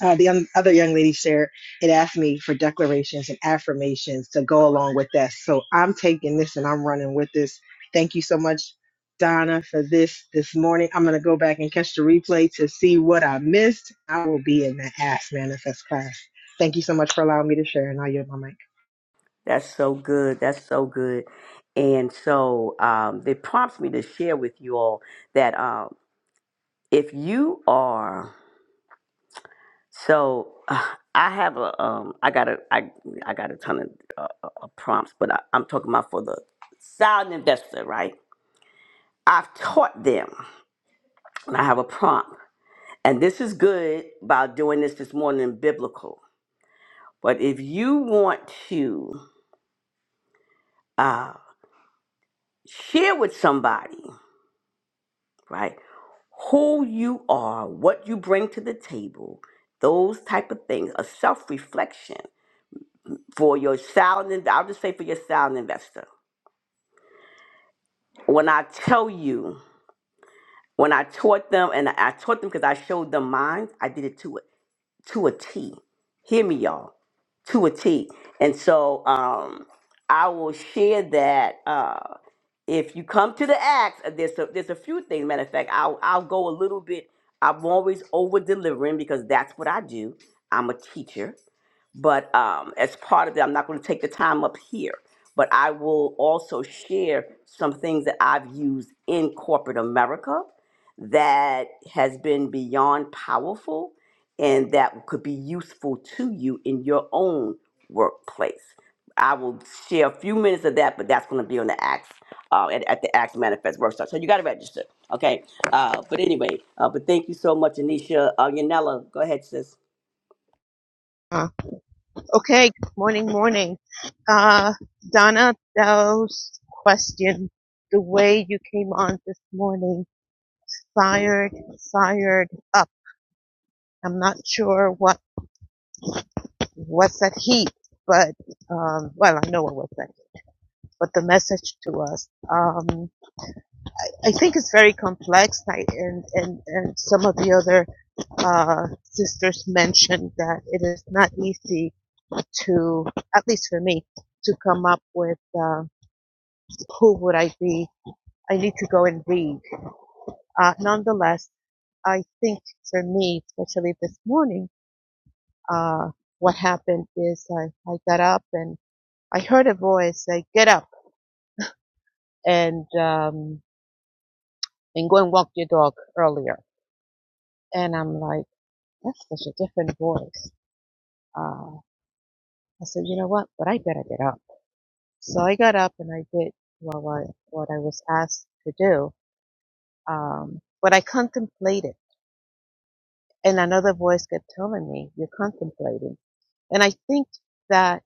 uh, the un- other young lady shared it asked me for declarations and affirmations to go along with that. So I'm taking this and I'm running with this. Thank you so much, Donna, for this this morning. I'm gonna go back and catch the replay to see what I missed. I will be in that Ask manifest class. Thank you so much for allowing me to share, and I yield my mic.
That's so good. That's so good. And so um, it prompts me to share with you all that um, if you are so, uh, I have a um, I got a I I got a ton of uh, uh, uh, prompts, but I, I'm talking about for the sound investor, right? I've taught them, and I have a prompt, and this is good about doing this this morning in biblical. But if you want to uh, share with somebody right? Who you are, what you bring to the table, those type of things, a self reflection for your sound. in- I'll just say for your sound investor. When I tell you, when I taught them, and I taught them because I showed them mine, I did it to a to a T. Hear me, y'all, to a T. And so um, I will share that. Uh, if you come to the acts uh, there's a, there's a few things matter of fact i'll i'll go a little bit i'm always over delivering because that's what i do i'm a teacher but um, as part of that, I'm not going to take the time up here, but I will also share some things that I've used in corporate America that has been beyond powerful and that could be useful to you in your own workplace. I will share a few minutes of that, but that's going to be on the Acts uh, at, at the Acts Manifest workshop. So you got to register, okay? Uh, but anyway, uh, but thank you so much, Anisha. Uh, Yanela, go ahead, sis.
Uh, okay, morning, morning. Uh, Donna, those question, the way you came on this morning, fired, fired up. I'm not sure what was that heat, but um, well, I know what was that, but the message to us, um, I think it's very complex. I, and and and some of the other uh, sisters mentioned that it is not easy to, at least for me, to come up with. Uh, who would I be? I need to go and read. Uh, nonetheless, I think for me, especially this morning, uh, what happened is I, I got up and I heard a voice say, get up and, um, and go and walk your dog earlier. And I'm like, that's such a different voice. Uh, I said, you know what? But I better get up. So I got up and I did well, I what I was asked to do. Um, but I contemplated and another voice kept telling me, you're contemplating And I think that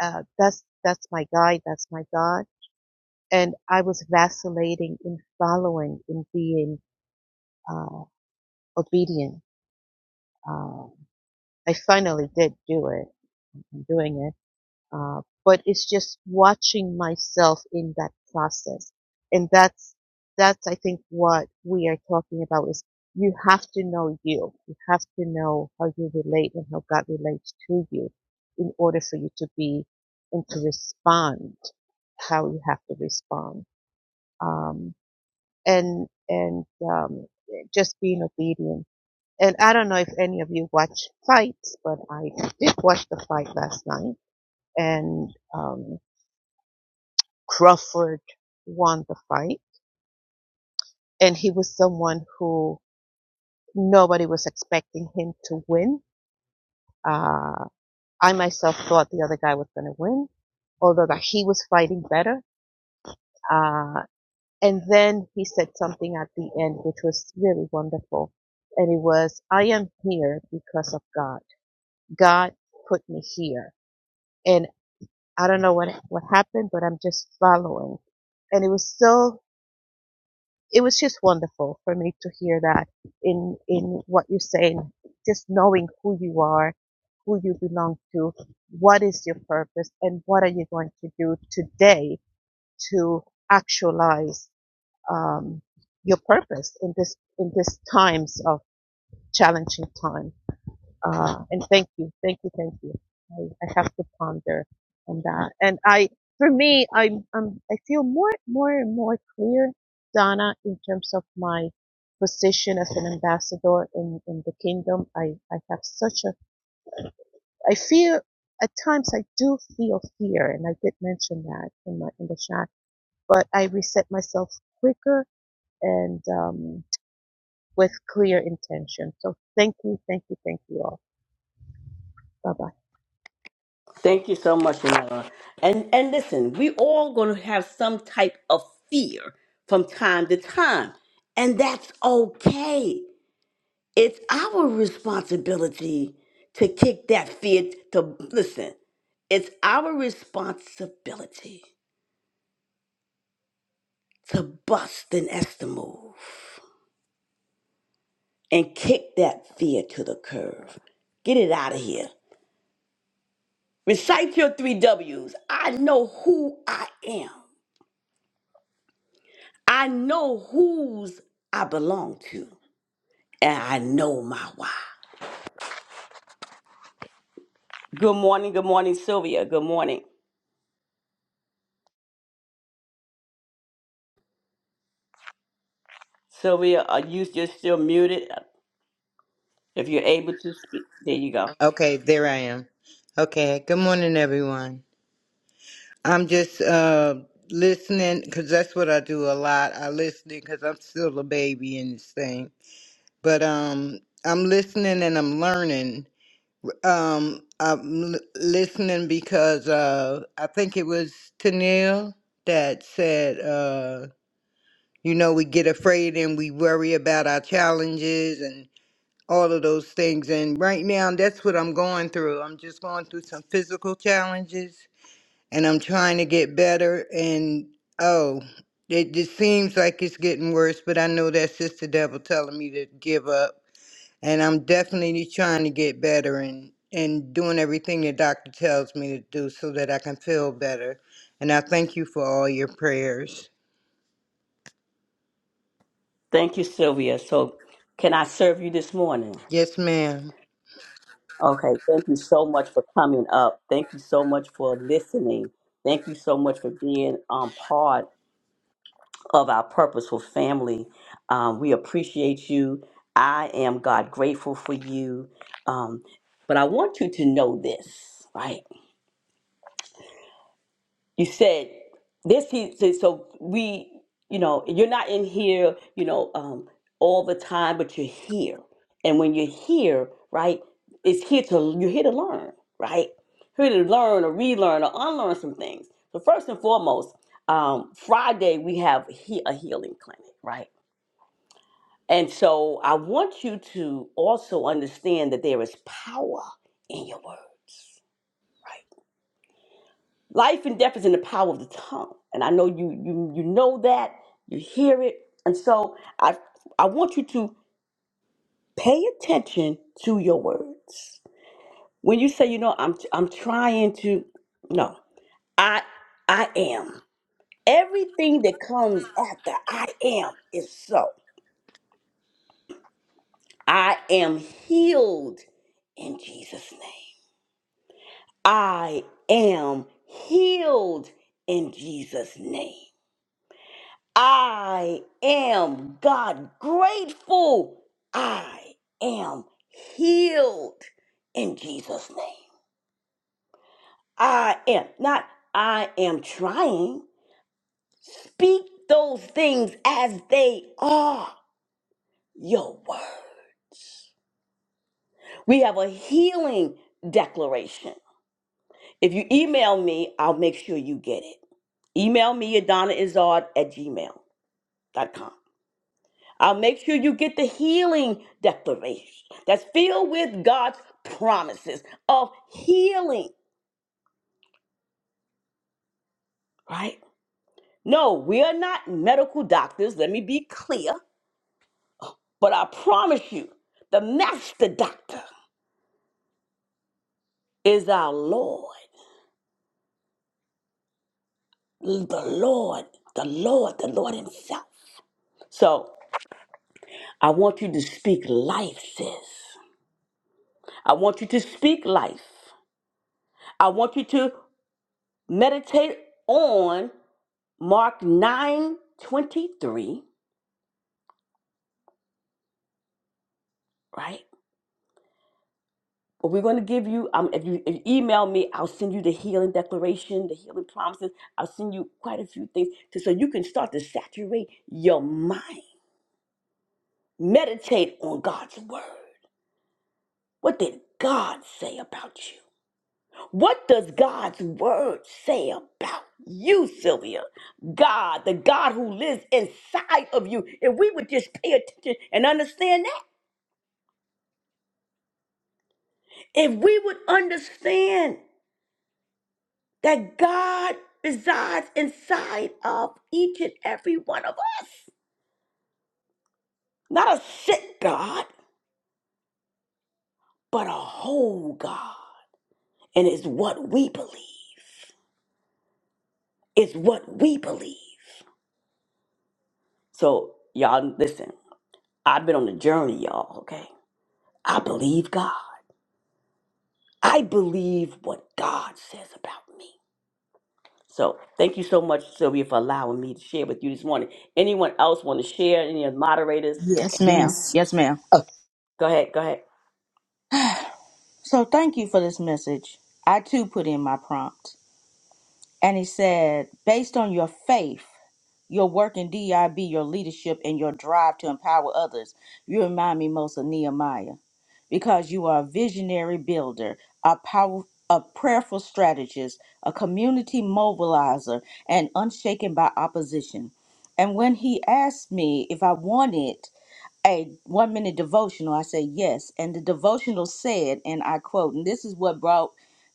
uh, that's that's my guide, that's my God. And I was vacillating in following, in being uh, obedient. Um, I finally did do it. I'm doing it Uh, but it's just watching myself in that process. And that's, that's, I think, what we are talking about is you have to know you. You have to know how you relate and how God relates to you in order for you to be and to respond how you have to respond. Um, and, and, um, just being obedient. And I don't know if any of you watch fights, but I did watch the fight last night and, um, Crawford won the fight, and he was someone who nobody was expecting him to win. Uh, I myself thought the other guy was going to win, although that he was fighting better. Uh, and then he said something at the end, which was really wonderful. And it was, I am here because of God. God put me here. And I don't know what, what happened, but I'm just following. And it was so it was just wonderful for me to hear that in in what you're saying just knowing who you are who you belong to what is your purpose and what are you going to do today to actualize um, your purpose in this in this times of challenging time uh, and thank you, thank you, thank you. I, I have to ponder on that. And I, for me, I'm, I'm, I feel more, more and more clear, Donna, in terms of my position as an ambassador in, in the kingdom. I, I have such a, I feel, at times I do feel fear, and I did mention that in my, in the chat, but I reset myself quicker and, um, with clear intention. So thank you, thank you, thank you all. Bye bye.
Thank you so much, Yanela. And and listen, we all gonna have some type of fear from time to time. And that's okay. It's our responsibility to kick that fear to listen. It's our responsibility to bust an Esther move and kick that fear to the curb. Get it out of here. Recite your three W's. I know who I am. I know whose I belong to, and I know my why. Good morning, good morning, Sylvia. Good morning, Sylvia. Are you you're still muted? If you're able to speak, there you go.
Okay, there I am. Okay, good morning, everyone. I'm just uh, listening because that's what I do a lot. I listen because I'm still a baby in this thing, but um, I'm listening and I'm learning. Um, I'm l- listening because uh, I think it was Tennille that said, uh, you know, we get afraid and we worry about our challenges and." all of those things. And right now, that's what I'm going through. I'm just going through some physical challenges and I'm trying to get better. And oh, it just seems like it's getting worse, but I know that's just the devil telling me to give up. And I'm definitely trying to get better and, and doing everything the doctor tells me to do so that I can feel better. And I thank you for all your prayers.
Thank you, Sylvia. So, can I serve you this morning?
Yes, ma'am.
Okay, thank you so much for coming up. Thank you so much for listening. Thank you so much for being on part. of our purposeful family. Um, we appreciate you. I am God grateful for you. Um, but I want you to know this, right? You said this. He said so. We, you know, you're not in here, you know, um, all the time, but you're here. And when you're here, right, it's here to you're here to learn, right? Here to learn or relearn or unlearn some things. So first and foremost, um, Friday we have he- a healing clinic, right? And so I want you to also understand that there is power in your words, right? Life and death is in the power of the tongue. And I know you you you know that, you hear it. And so I I want you to pay attention to your words. When you say, you know, I'm I'm trying to no. I I am. Everything that comes after I am is so. I am healed in Jesus' name. I am healed in Jesus' name. I am God grateful. I am healed in Jesus' name. I am not, I am trying. Speak those things as they are your words. We have a healing declaration. If you email me, I'll make sure you get it. Email me, Adonna Izard at Gmail. dot com. I'll make sure you get the healing declaration that's filled with God's promises of healing, right? No, we are not medical doctors, let me be clear, but I promise you, the master doctor is our Lord, the Lord, the Lord, the Lord Himself. So I want you to speak life, sis. I want you to speak life. I want you to meditate on Mark 9 23, right? But we're going to give you, um, if you if you email me, I'll send you the healing declaration, the healing promises. I'll send you quite a few things to, so you can start to saturate your mind. Meditate on God's word. What did God say about you? What does God's word say about you, Sylvia? God, the God who lives inside of you. If we would just pay attention and understand that, if we would understand. that God resides inside of each and every one of us. Not a sick God, but a whole God. And it's what we believe. It's what we believe. So, y'all, listen, I've been on a journey, y'all, okay? I believe God. I believe what God says about me. So, thank you so much, Sylvia, for allowing me to share with you this morning. Anyone else want to share? Any of the moderators?
Yes, ma'am.
Yes.
Yes, ma'am.
Uh,
Go ahead, go ahead.
So thank you for this message. I too put in my prompt. And he said, based on your faith, your work in DIB, your leadership, and your drive to empower others, you remind me most of Nehemiah because you are a visionary builder, a powerful. A prayerful strategist, a community mobilizer, and unshaken by opposition. And when he asked me if I wanted a one minute devotional. I said yes. And the devotional said, and I quote, and this is what brought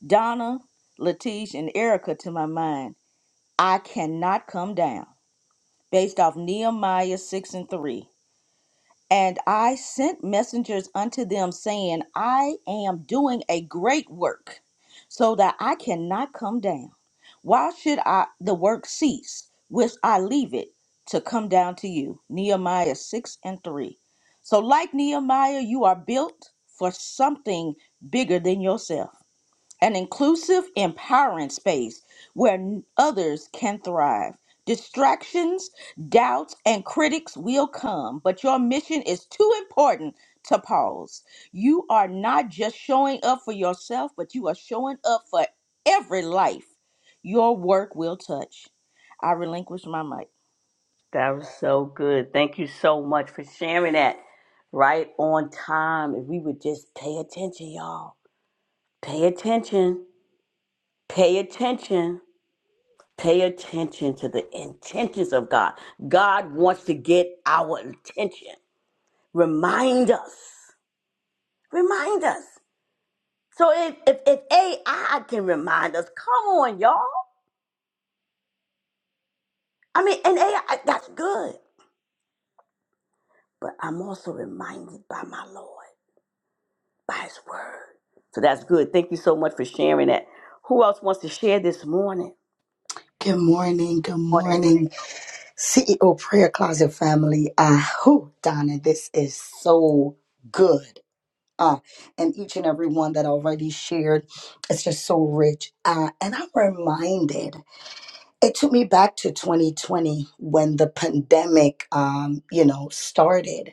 Donna, Latish, and Erica to my mind I cannot come down, based off Nehemiah 6 and 3. And I sent messengers unto them, saying, I am doing a great work, so that I cannot come down. Why should I the work cease, which I leave it to come down to you? Nehemiah 6 and 3. So, like Nehemiah, you are built for something bigger than yourself an inclusive, empowering space where n- others can thrive. Distractions, doubts, and critics will come, but your mission is too important to pause. You are not just showing up for yourself, but you are showing up for every life your work will touch. I relinquish my mic.
That was so good. Thank you so much for sharing that. Right on time. If we would just pay attention, y'all. Pay attention. Pay attention. Pay attention to the intentions of God. God wants to get our attention. Remind us. Remind us. So if, if, if AI can remind us, come on, y'all. I mean, and AI, that's good. But I'm also reminded by my Lord. by his word. So that's good. Thank you so much for sharing that. Who else wants to share this morning?
good morning. Good
Morning.
morning, CEO Prayer Closet family. Uh, whew, Donna, this is so good. Uh, and each and every one that already shared, it's just so rich. Uh, and I'm reminded, it took me back to 2020 when the pandemic, um, you know, started.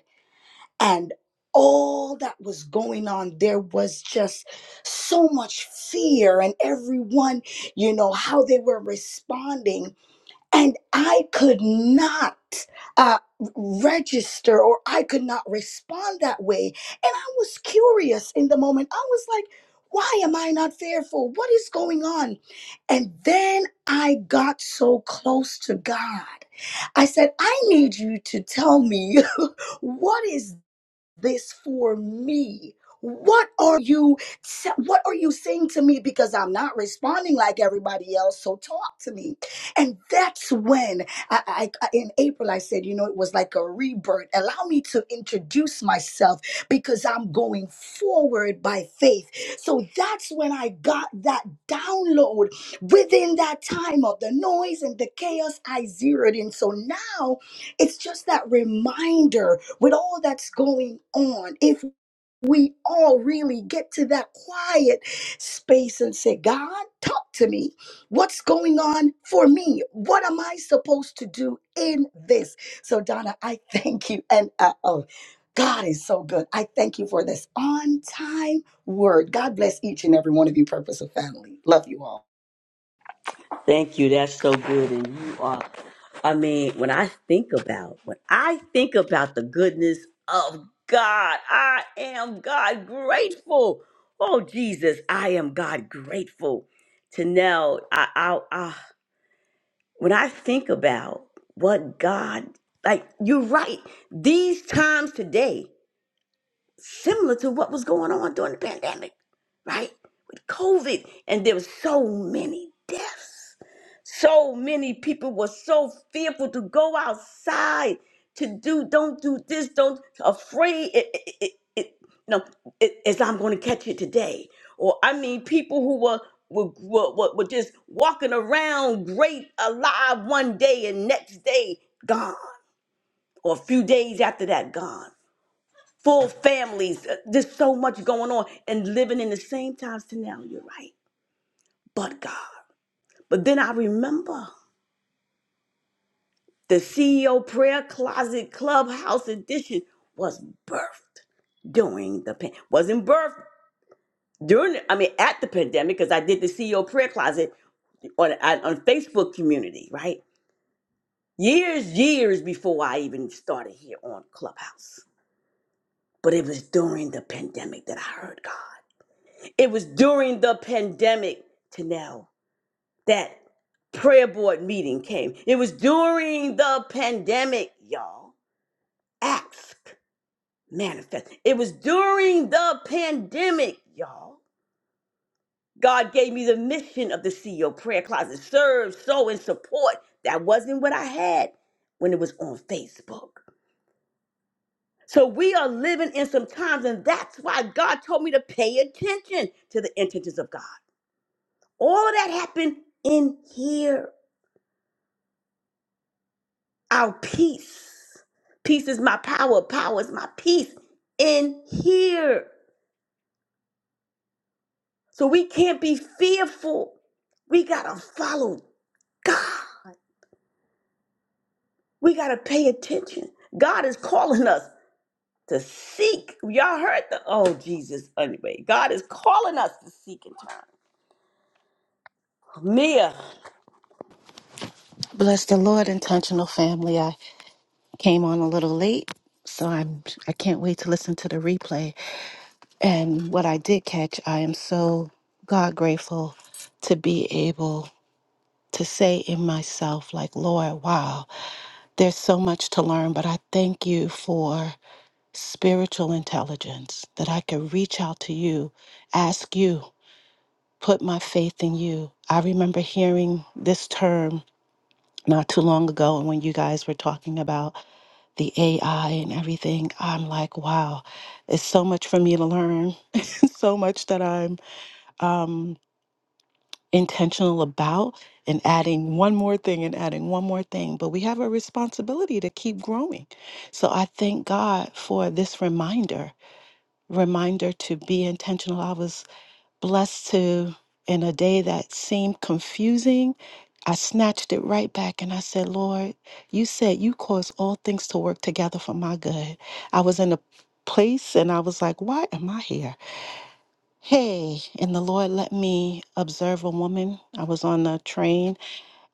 and all that was going on there was just so much fear and everyone you know how they were responding and i could not uh, register or i could not respond that way and i was curious in the moment i was like why am i not fearful what is going on and then i got so close to god i said i need you to tell me what is this for me? What are you what are you saying to me because I'm not responding like everybody else? So talk to me. And that's when I, I I- in April I said, you know, it was like a rebirth. Allow me to introduce myself because I'm going forward by faith. So that's when I got that download within that time of the noise and the chaos I zeroed in. So now it's just that reminder with all that's going on. If we all really get to that quiet space and say, God, talk to me. What's going on for me? What am I supposed to do in this? So, Donna, I thank you. And uh oh, God is so good. I thank you for this on time word. God bless each and every one of you, Purpose of Family. Love you all.
Thank you. That's so good. And you are, I mean, when I think about, when I think about the goodness of God, I am God grateful. Oh, Jesus, I am God grateful to know. I, I, I, when I think about what God, like, you're right, these times today, similar to what was going on during the pandemic, right? With COVID, and there were so many deaths. So many people were so fearful to go outside to do, don't do this, don't, afraid. It, it, it, it, no, it, as I'm going to catch it today. Or I mean, people who were were, were, were were just walking around great alive one day and next day gone, or a few days after that gone full families. Uh, There's so much going on and living in the same times to now. You're right. But God. But then I remember the CEO prayer closet clubhouse edition was birthed during the pan- wasn't birthed during the- I mean at the pandemic because I did the CEO prayer closet on on on Facebook community, right? Years, years before I even started here on Clubhouse. But it was during the pandemic that I heard God. It was during the pandemic to now. that prayer board meeting came. It was during the pandemic, y'all. Ask, manifest. It was during the pandemic, y'all. God gave me the mission of the CEO prayer closet serve, sow, and support. That wasn't what I had when it was on Facebook. So we are living in some times, and that's why God told me to pay attention to the intentions of God. All of that happened in here. our peace. Peace is my power, power is my peace in here. So we can't be fearful. We got to follow God. We got to pay attention. God is calling us to seek. Y'all heard the, oh, Jesus, anyway. God is calling us to seek in time. Mia.
Bless the Lord, intentional family. I came on a little late, so I'm I can't wait to listen to the replay. And what I did catch, I am so God grateful to be able to say in myself, like, Lord, wow, there's so much to learn, but I thank you for spiritual intelligence that I could reach out to you, ask you, put my faith in you. I remember hearing this term not too long ago, and when you guys were talking about the AI and everything, I'm like, wow, it's so much for me to learn, so much that I'm um, intentional about, and adding one more thing and adding one more thing. But we have a responsibility to keep growing. So I thank God for this reminder reminder to be intentional. I was blessed to in a day that seemed confusing i snatched it right back and i said lord you said you cause all things to work together for my good i was in a place and i was like why am i here hey and the lord let me observe a woman i was on a train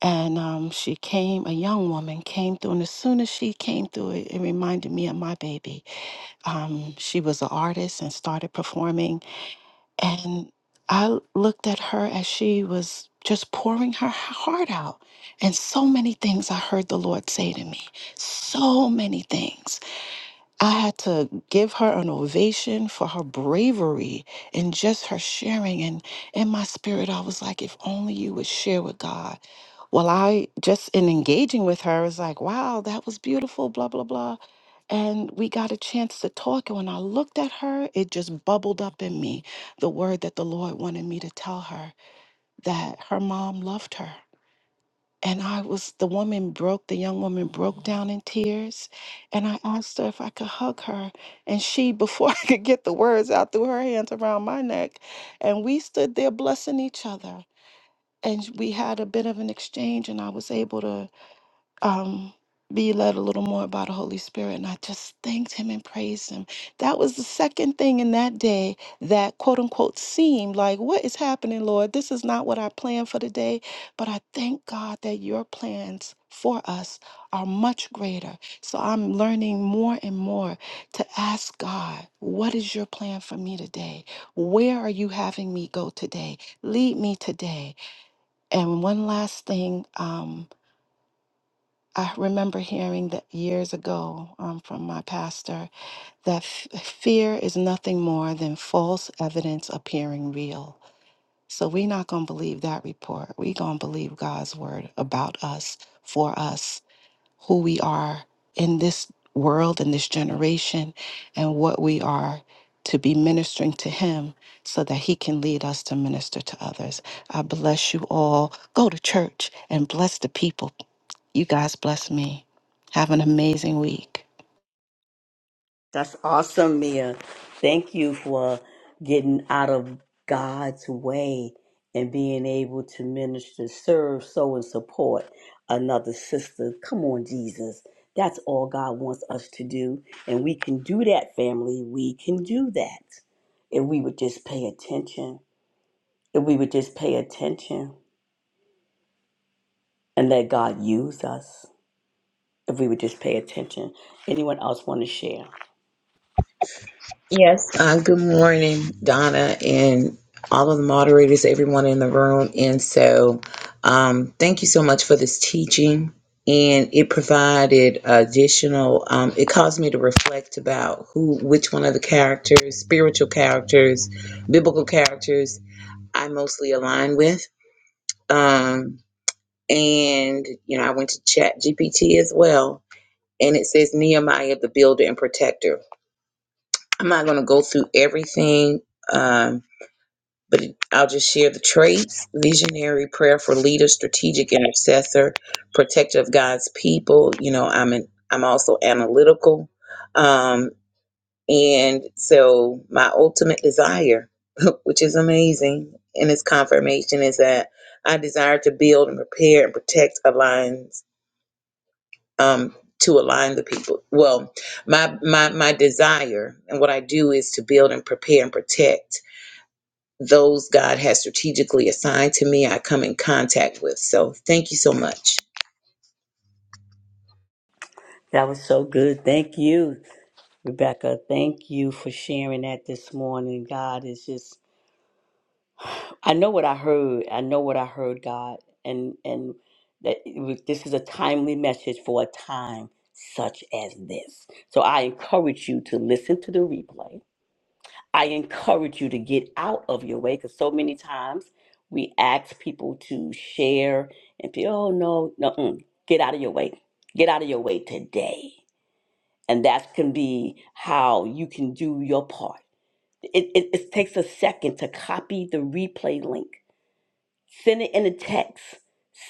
and um, she came a young woman came through and as soon as she came through it, it reminded me of my baby um, she was an artist and started performing and I looked at her as she was just pouring her heart out. And so many things I heard the Lord say to me. So many things. I had to give her an ovation for her bravery and just her sharing. And in my spirit, I was like, if only you would share with God well, I just in engaging with her was like, wow, that was beautiful, blah, blah, blah. And we got a chance to talk. And when I looked at her, it just bubbled up in me the word that the Lord wanted me to tell her that her mom loved her. And I was, the woman broke, the young woman broke down in tears. And I asked her if I could hug her. And she, before I could get the words out, threw her hands around my neck. And we stood there blessing each other. And we had a bit of an exchange, and I was able to um, be led a little more by the Holy Spirit. And I just thanked him and praised him. That was the second thing in that day that quote unquote seemed like, What is happening, Lord? This is not what I planned for today. But I thank God that your plans for us are much greater. So I'm learning more and more to ask God, What is your plan for me today? Where are you having me go today? Lead me today. And one last thing. Um, I remember hearing that years ago um, from my pastor that f- fear is nothing more than false evidence appearing real. So we're not going to believe that report. We're going to believe God's word about us, for us, who we are in this world, in this generation, and what we are to be ministering to Him so that He can lead us to minister to others. I bless you all. Go to church and bless the people. You guys bless me. Have an amazing week.
That's awesome, Mia. Thank you for getting out of God's way and being able to minister, serve, sow, and support another sister. Come on, Jesus. That's all God wants us to do. And we can do that, family. We can do that. If we would just pay attention, if we would just pay attention and let God use us, if we would just pay attention. Anyone else want to share?
Yes. Uh, good morning, Donna, and all of the moderators, everyone in the room. And so, um, thank you so much for this teaching. And it provided additional, um, it caused me to reflect about who, which one of the characters, spiritual characters, biblical characters, I mostly align with. Um, and, you know, I went to Chat GPT as well. And it says Nehemiah, the builder and protector. I'm not going to go through everything. Um, but it- I'll just share the traits visionary prayer for leader, strategic intercessor, protector of God's people. You know, I'm an, I'm also analytical. Um, and so my ultimate desire, which is amazing, and its confirmation is that I desire to build and prepare and protect aligns um, to align the people. Well, my my my desire and what I do is to build and prepare and protect those God has strategically assigned to me, I come in contact with. So thank you so much.
That was so good. Thank you. Rebecca, thank you for sharing that this morning. God is just I know what I heard. I know what I heard, God. And and that it was- this is a timely message for a time such as this. So I encourage you to listen to the replay. I encourage you to get out of your way because so many times we ask people to share and be, oh no, no, mm, get out of your way. Get out of your way today. And that can be how you can do your part It, it, it takes a second to copy the replay link, send it in a text,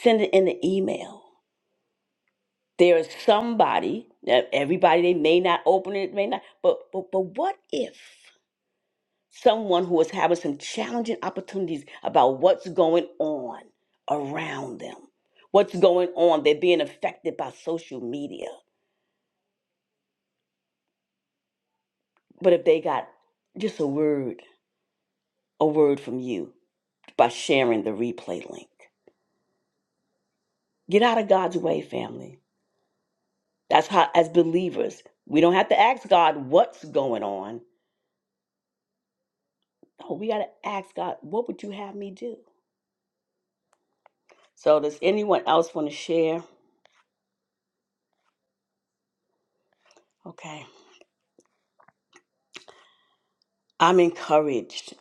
send it in an email. There is somebody, now, everybody, they may not open it, may not, but, but, but what if someone who is having some challenging opportunities about what's going on around them, what's going on, they're being affected by social media, but if they got just a word, a word from you by sharing the replay link, get out of God's way, family That's how, as believers, we don't have to ask God what's going on. No, we got to ask God, what would you have me do? So, does anyone else want to share? Okay. I'm encouraged,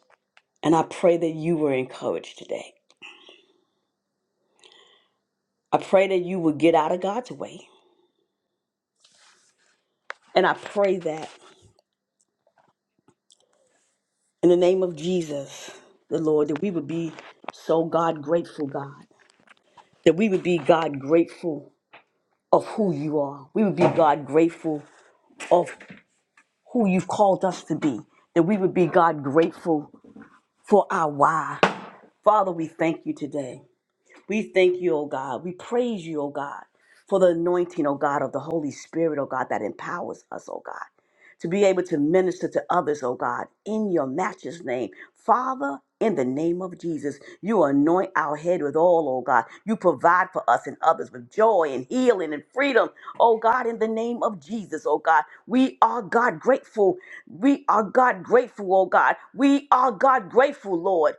and I pray that you were encouraged today. I pray that you would get out of God's way. And I pray that in the name of Jesus, the Lord, that we would be so God grateful, God, that we would be God grateful of who you are. We would be God grateful of who you've called us to be, that we would be, God, grateful for our why. Father, we thank you today. We thank you, O God. We praise you, O God, for the anointing, O God, of the Holy Spirit, O God, that empowers us, O God, to be able to minister to others, O God, in your matchless name. Father, in the name of Jesus, you anoint our head with oil, O God. You provide for us and others with joy and healing and freedom, O God, in the name of Jesus, O God. We are, God, grateful. We are, God, grateful, O God. We are, God, grateful, Lord.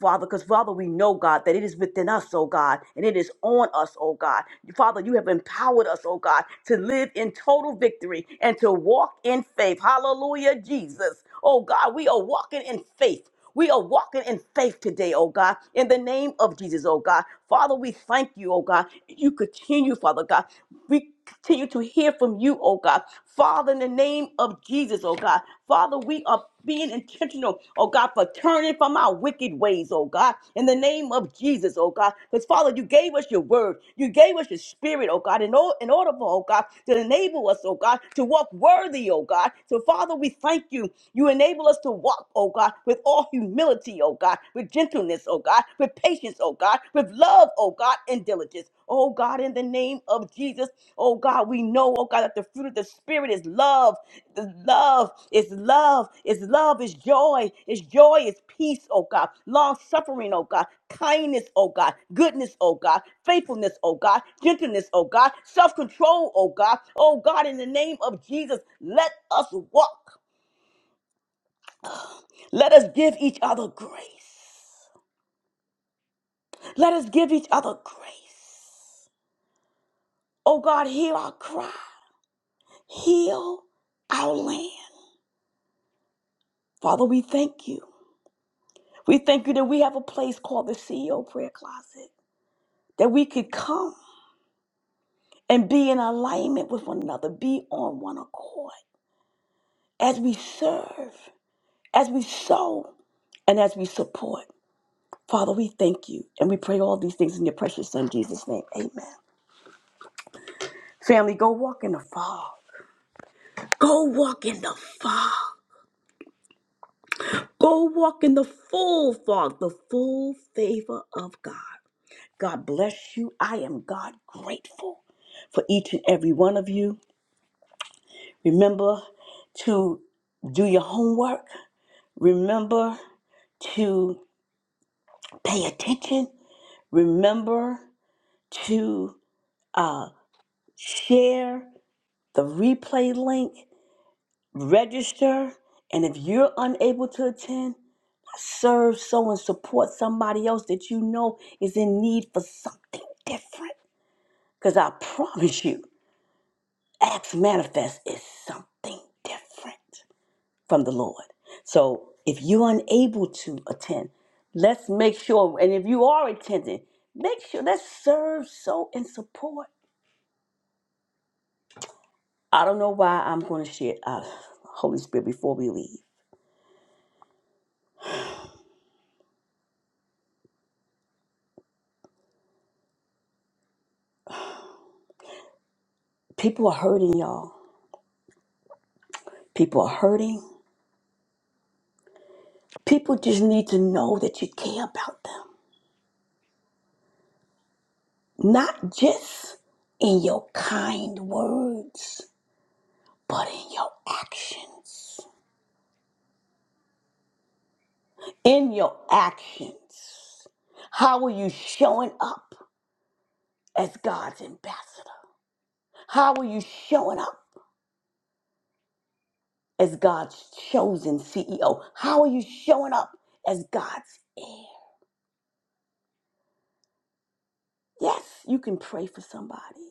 Father, because Father, we know, God, that it is within us, oh God, and it is on us, oh God. Father, you have empowered us, oh God, to live in total victory and to walk in faith. Hallelujah, Jesus. Oh God, we are walking in faith. We are walking in faith today, oh God, in the name of Jesus, oh God. Father, we thank you, oh God. You continue, Father God. We continue to hear from you, oh God. Father, in the name of Jesus, oh God. Father, we are being intentional, oh God, for turning from our wicked ways, oh God, in the name of Jesus, oh God. Because Father, you gave us your word, you gave us your spirit, oh God, in, or- in order for, oh God, to enable us, oh God, to walk worthy, oh God. So, Father, we thank you. You enable us to walk, oh God, with all humility, oh God, with gentleness, oh God, with patience, oh God with love, oh God, and diligence. Oh God, in the name of Jesus, oh God, we know, oh God, that the fruit of the Spirit is love. The love is love, is love, is joy, is joy, is peace, oh God, long suffering, oh God, kindness, oh God, goodness, oh God, faithfulness, oh God, gentleness, oh God, self control, oh God, oh God, in the name of Jesus, let us walk. Let us give each other grace. Let us give each other grace. Oh God, hear our cry. Heal our land. Father, we thank you. We thank you that we have a place called the CEO Prayer Closet, that we could come and be in alignment with one another, be on one accord as we serve, as we sow, and as we support. Father, we thank you and we pray all these things in your precious Son, Jesus' name. Amen. Family, go walk in the fog. Go walk in the fog. Go walk in the full fog, the full favor of God. God bless you. I am God grateful for each and every one of you. Remember to do your homework. Remember to pay attention. Remember to uh, share the replay link, register, and if you're unable to attend, serve sow, and support somebody else that you know is in need for something different. Because I promise you, Acts Manifest is something different from the Lord. So if you're unable to attend, let's make sure, and if you are attending, make sure let's serve so and support. I don't know why I'm going to share uh, Holy Spirit before we leave. People are hurting, y'all. People are hurting. People just need to know that you care about them. not just in your kind words, but in your actions. In your actions. How are you showing up as God's ambassador? How are you showing up as God's chosen CEO? How are you showing up as God's heir? Yes, you can pray for somebody.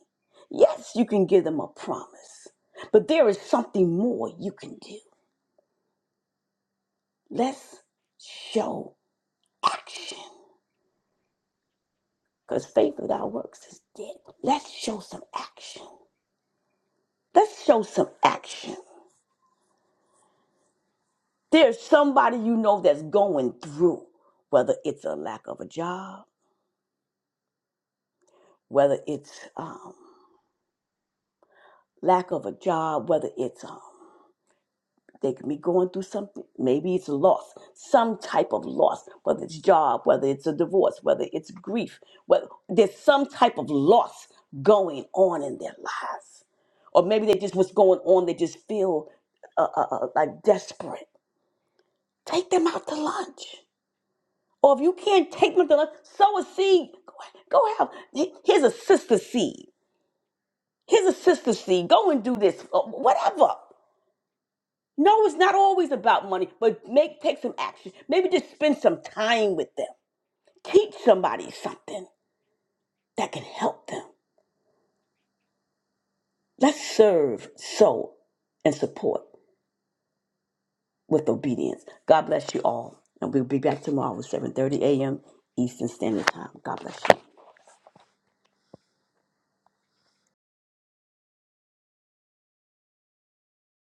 Yes, you can give them a promise. But there is something more you can do. Let's show action. Because faith without works is dead. Let's show some action. Let's show some action. There's somebody you know that's going through, whether it's a lack of a job, whether it's um, lack of a job, whether it's um, They can be going through something. Maybe it's loss, some type of loss, whether it's job, whether it's a divorce, whether it's grief. Whether, there's some type of loss going on in their lives. Or maybe they just what's going on, they just feel uh, uh, uh, like desperate. Take them out to lunch. Or if you can't take them to lunch, sow a seed. Go, go have, here's a sister seed. Here's a sister seed. Go and do this, or whatever. No, it's not always about money, but make take some action. Maybe just spend some time with them. Teach somebody something that can help them. Let's serve, sow, and support with obedience. God bless you all. And we'll be back tomorrow at 7:30 a.m. Eastern Standard Time. God bless you.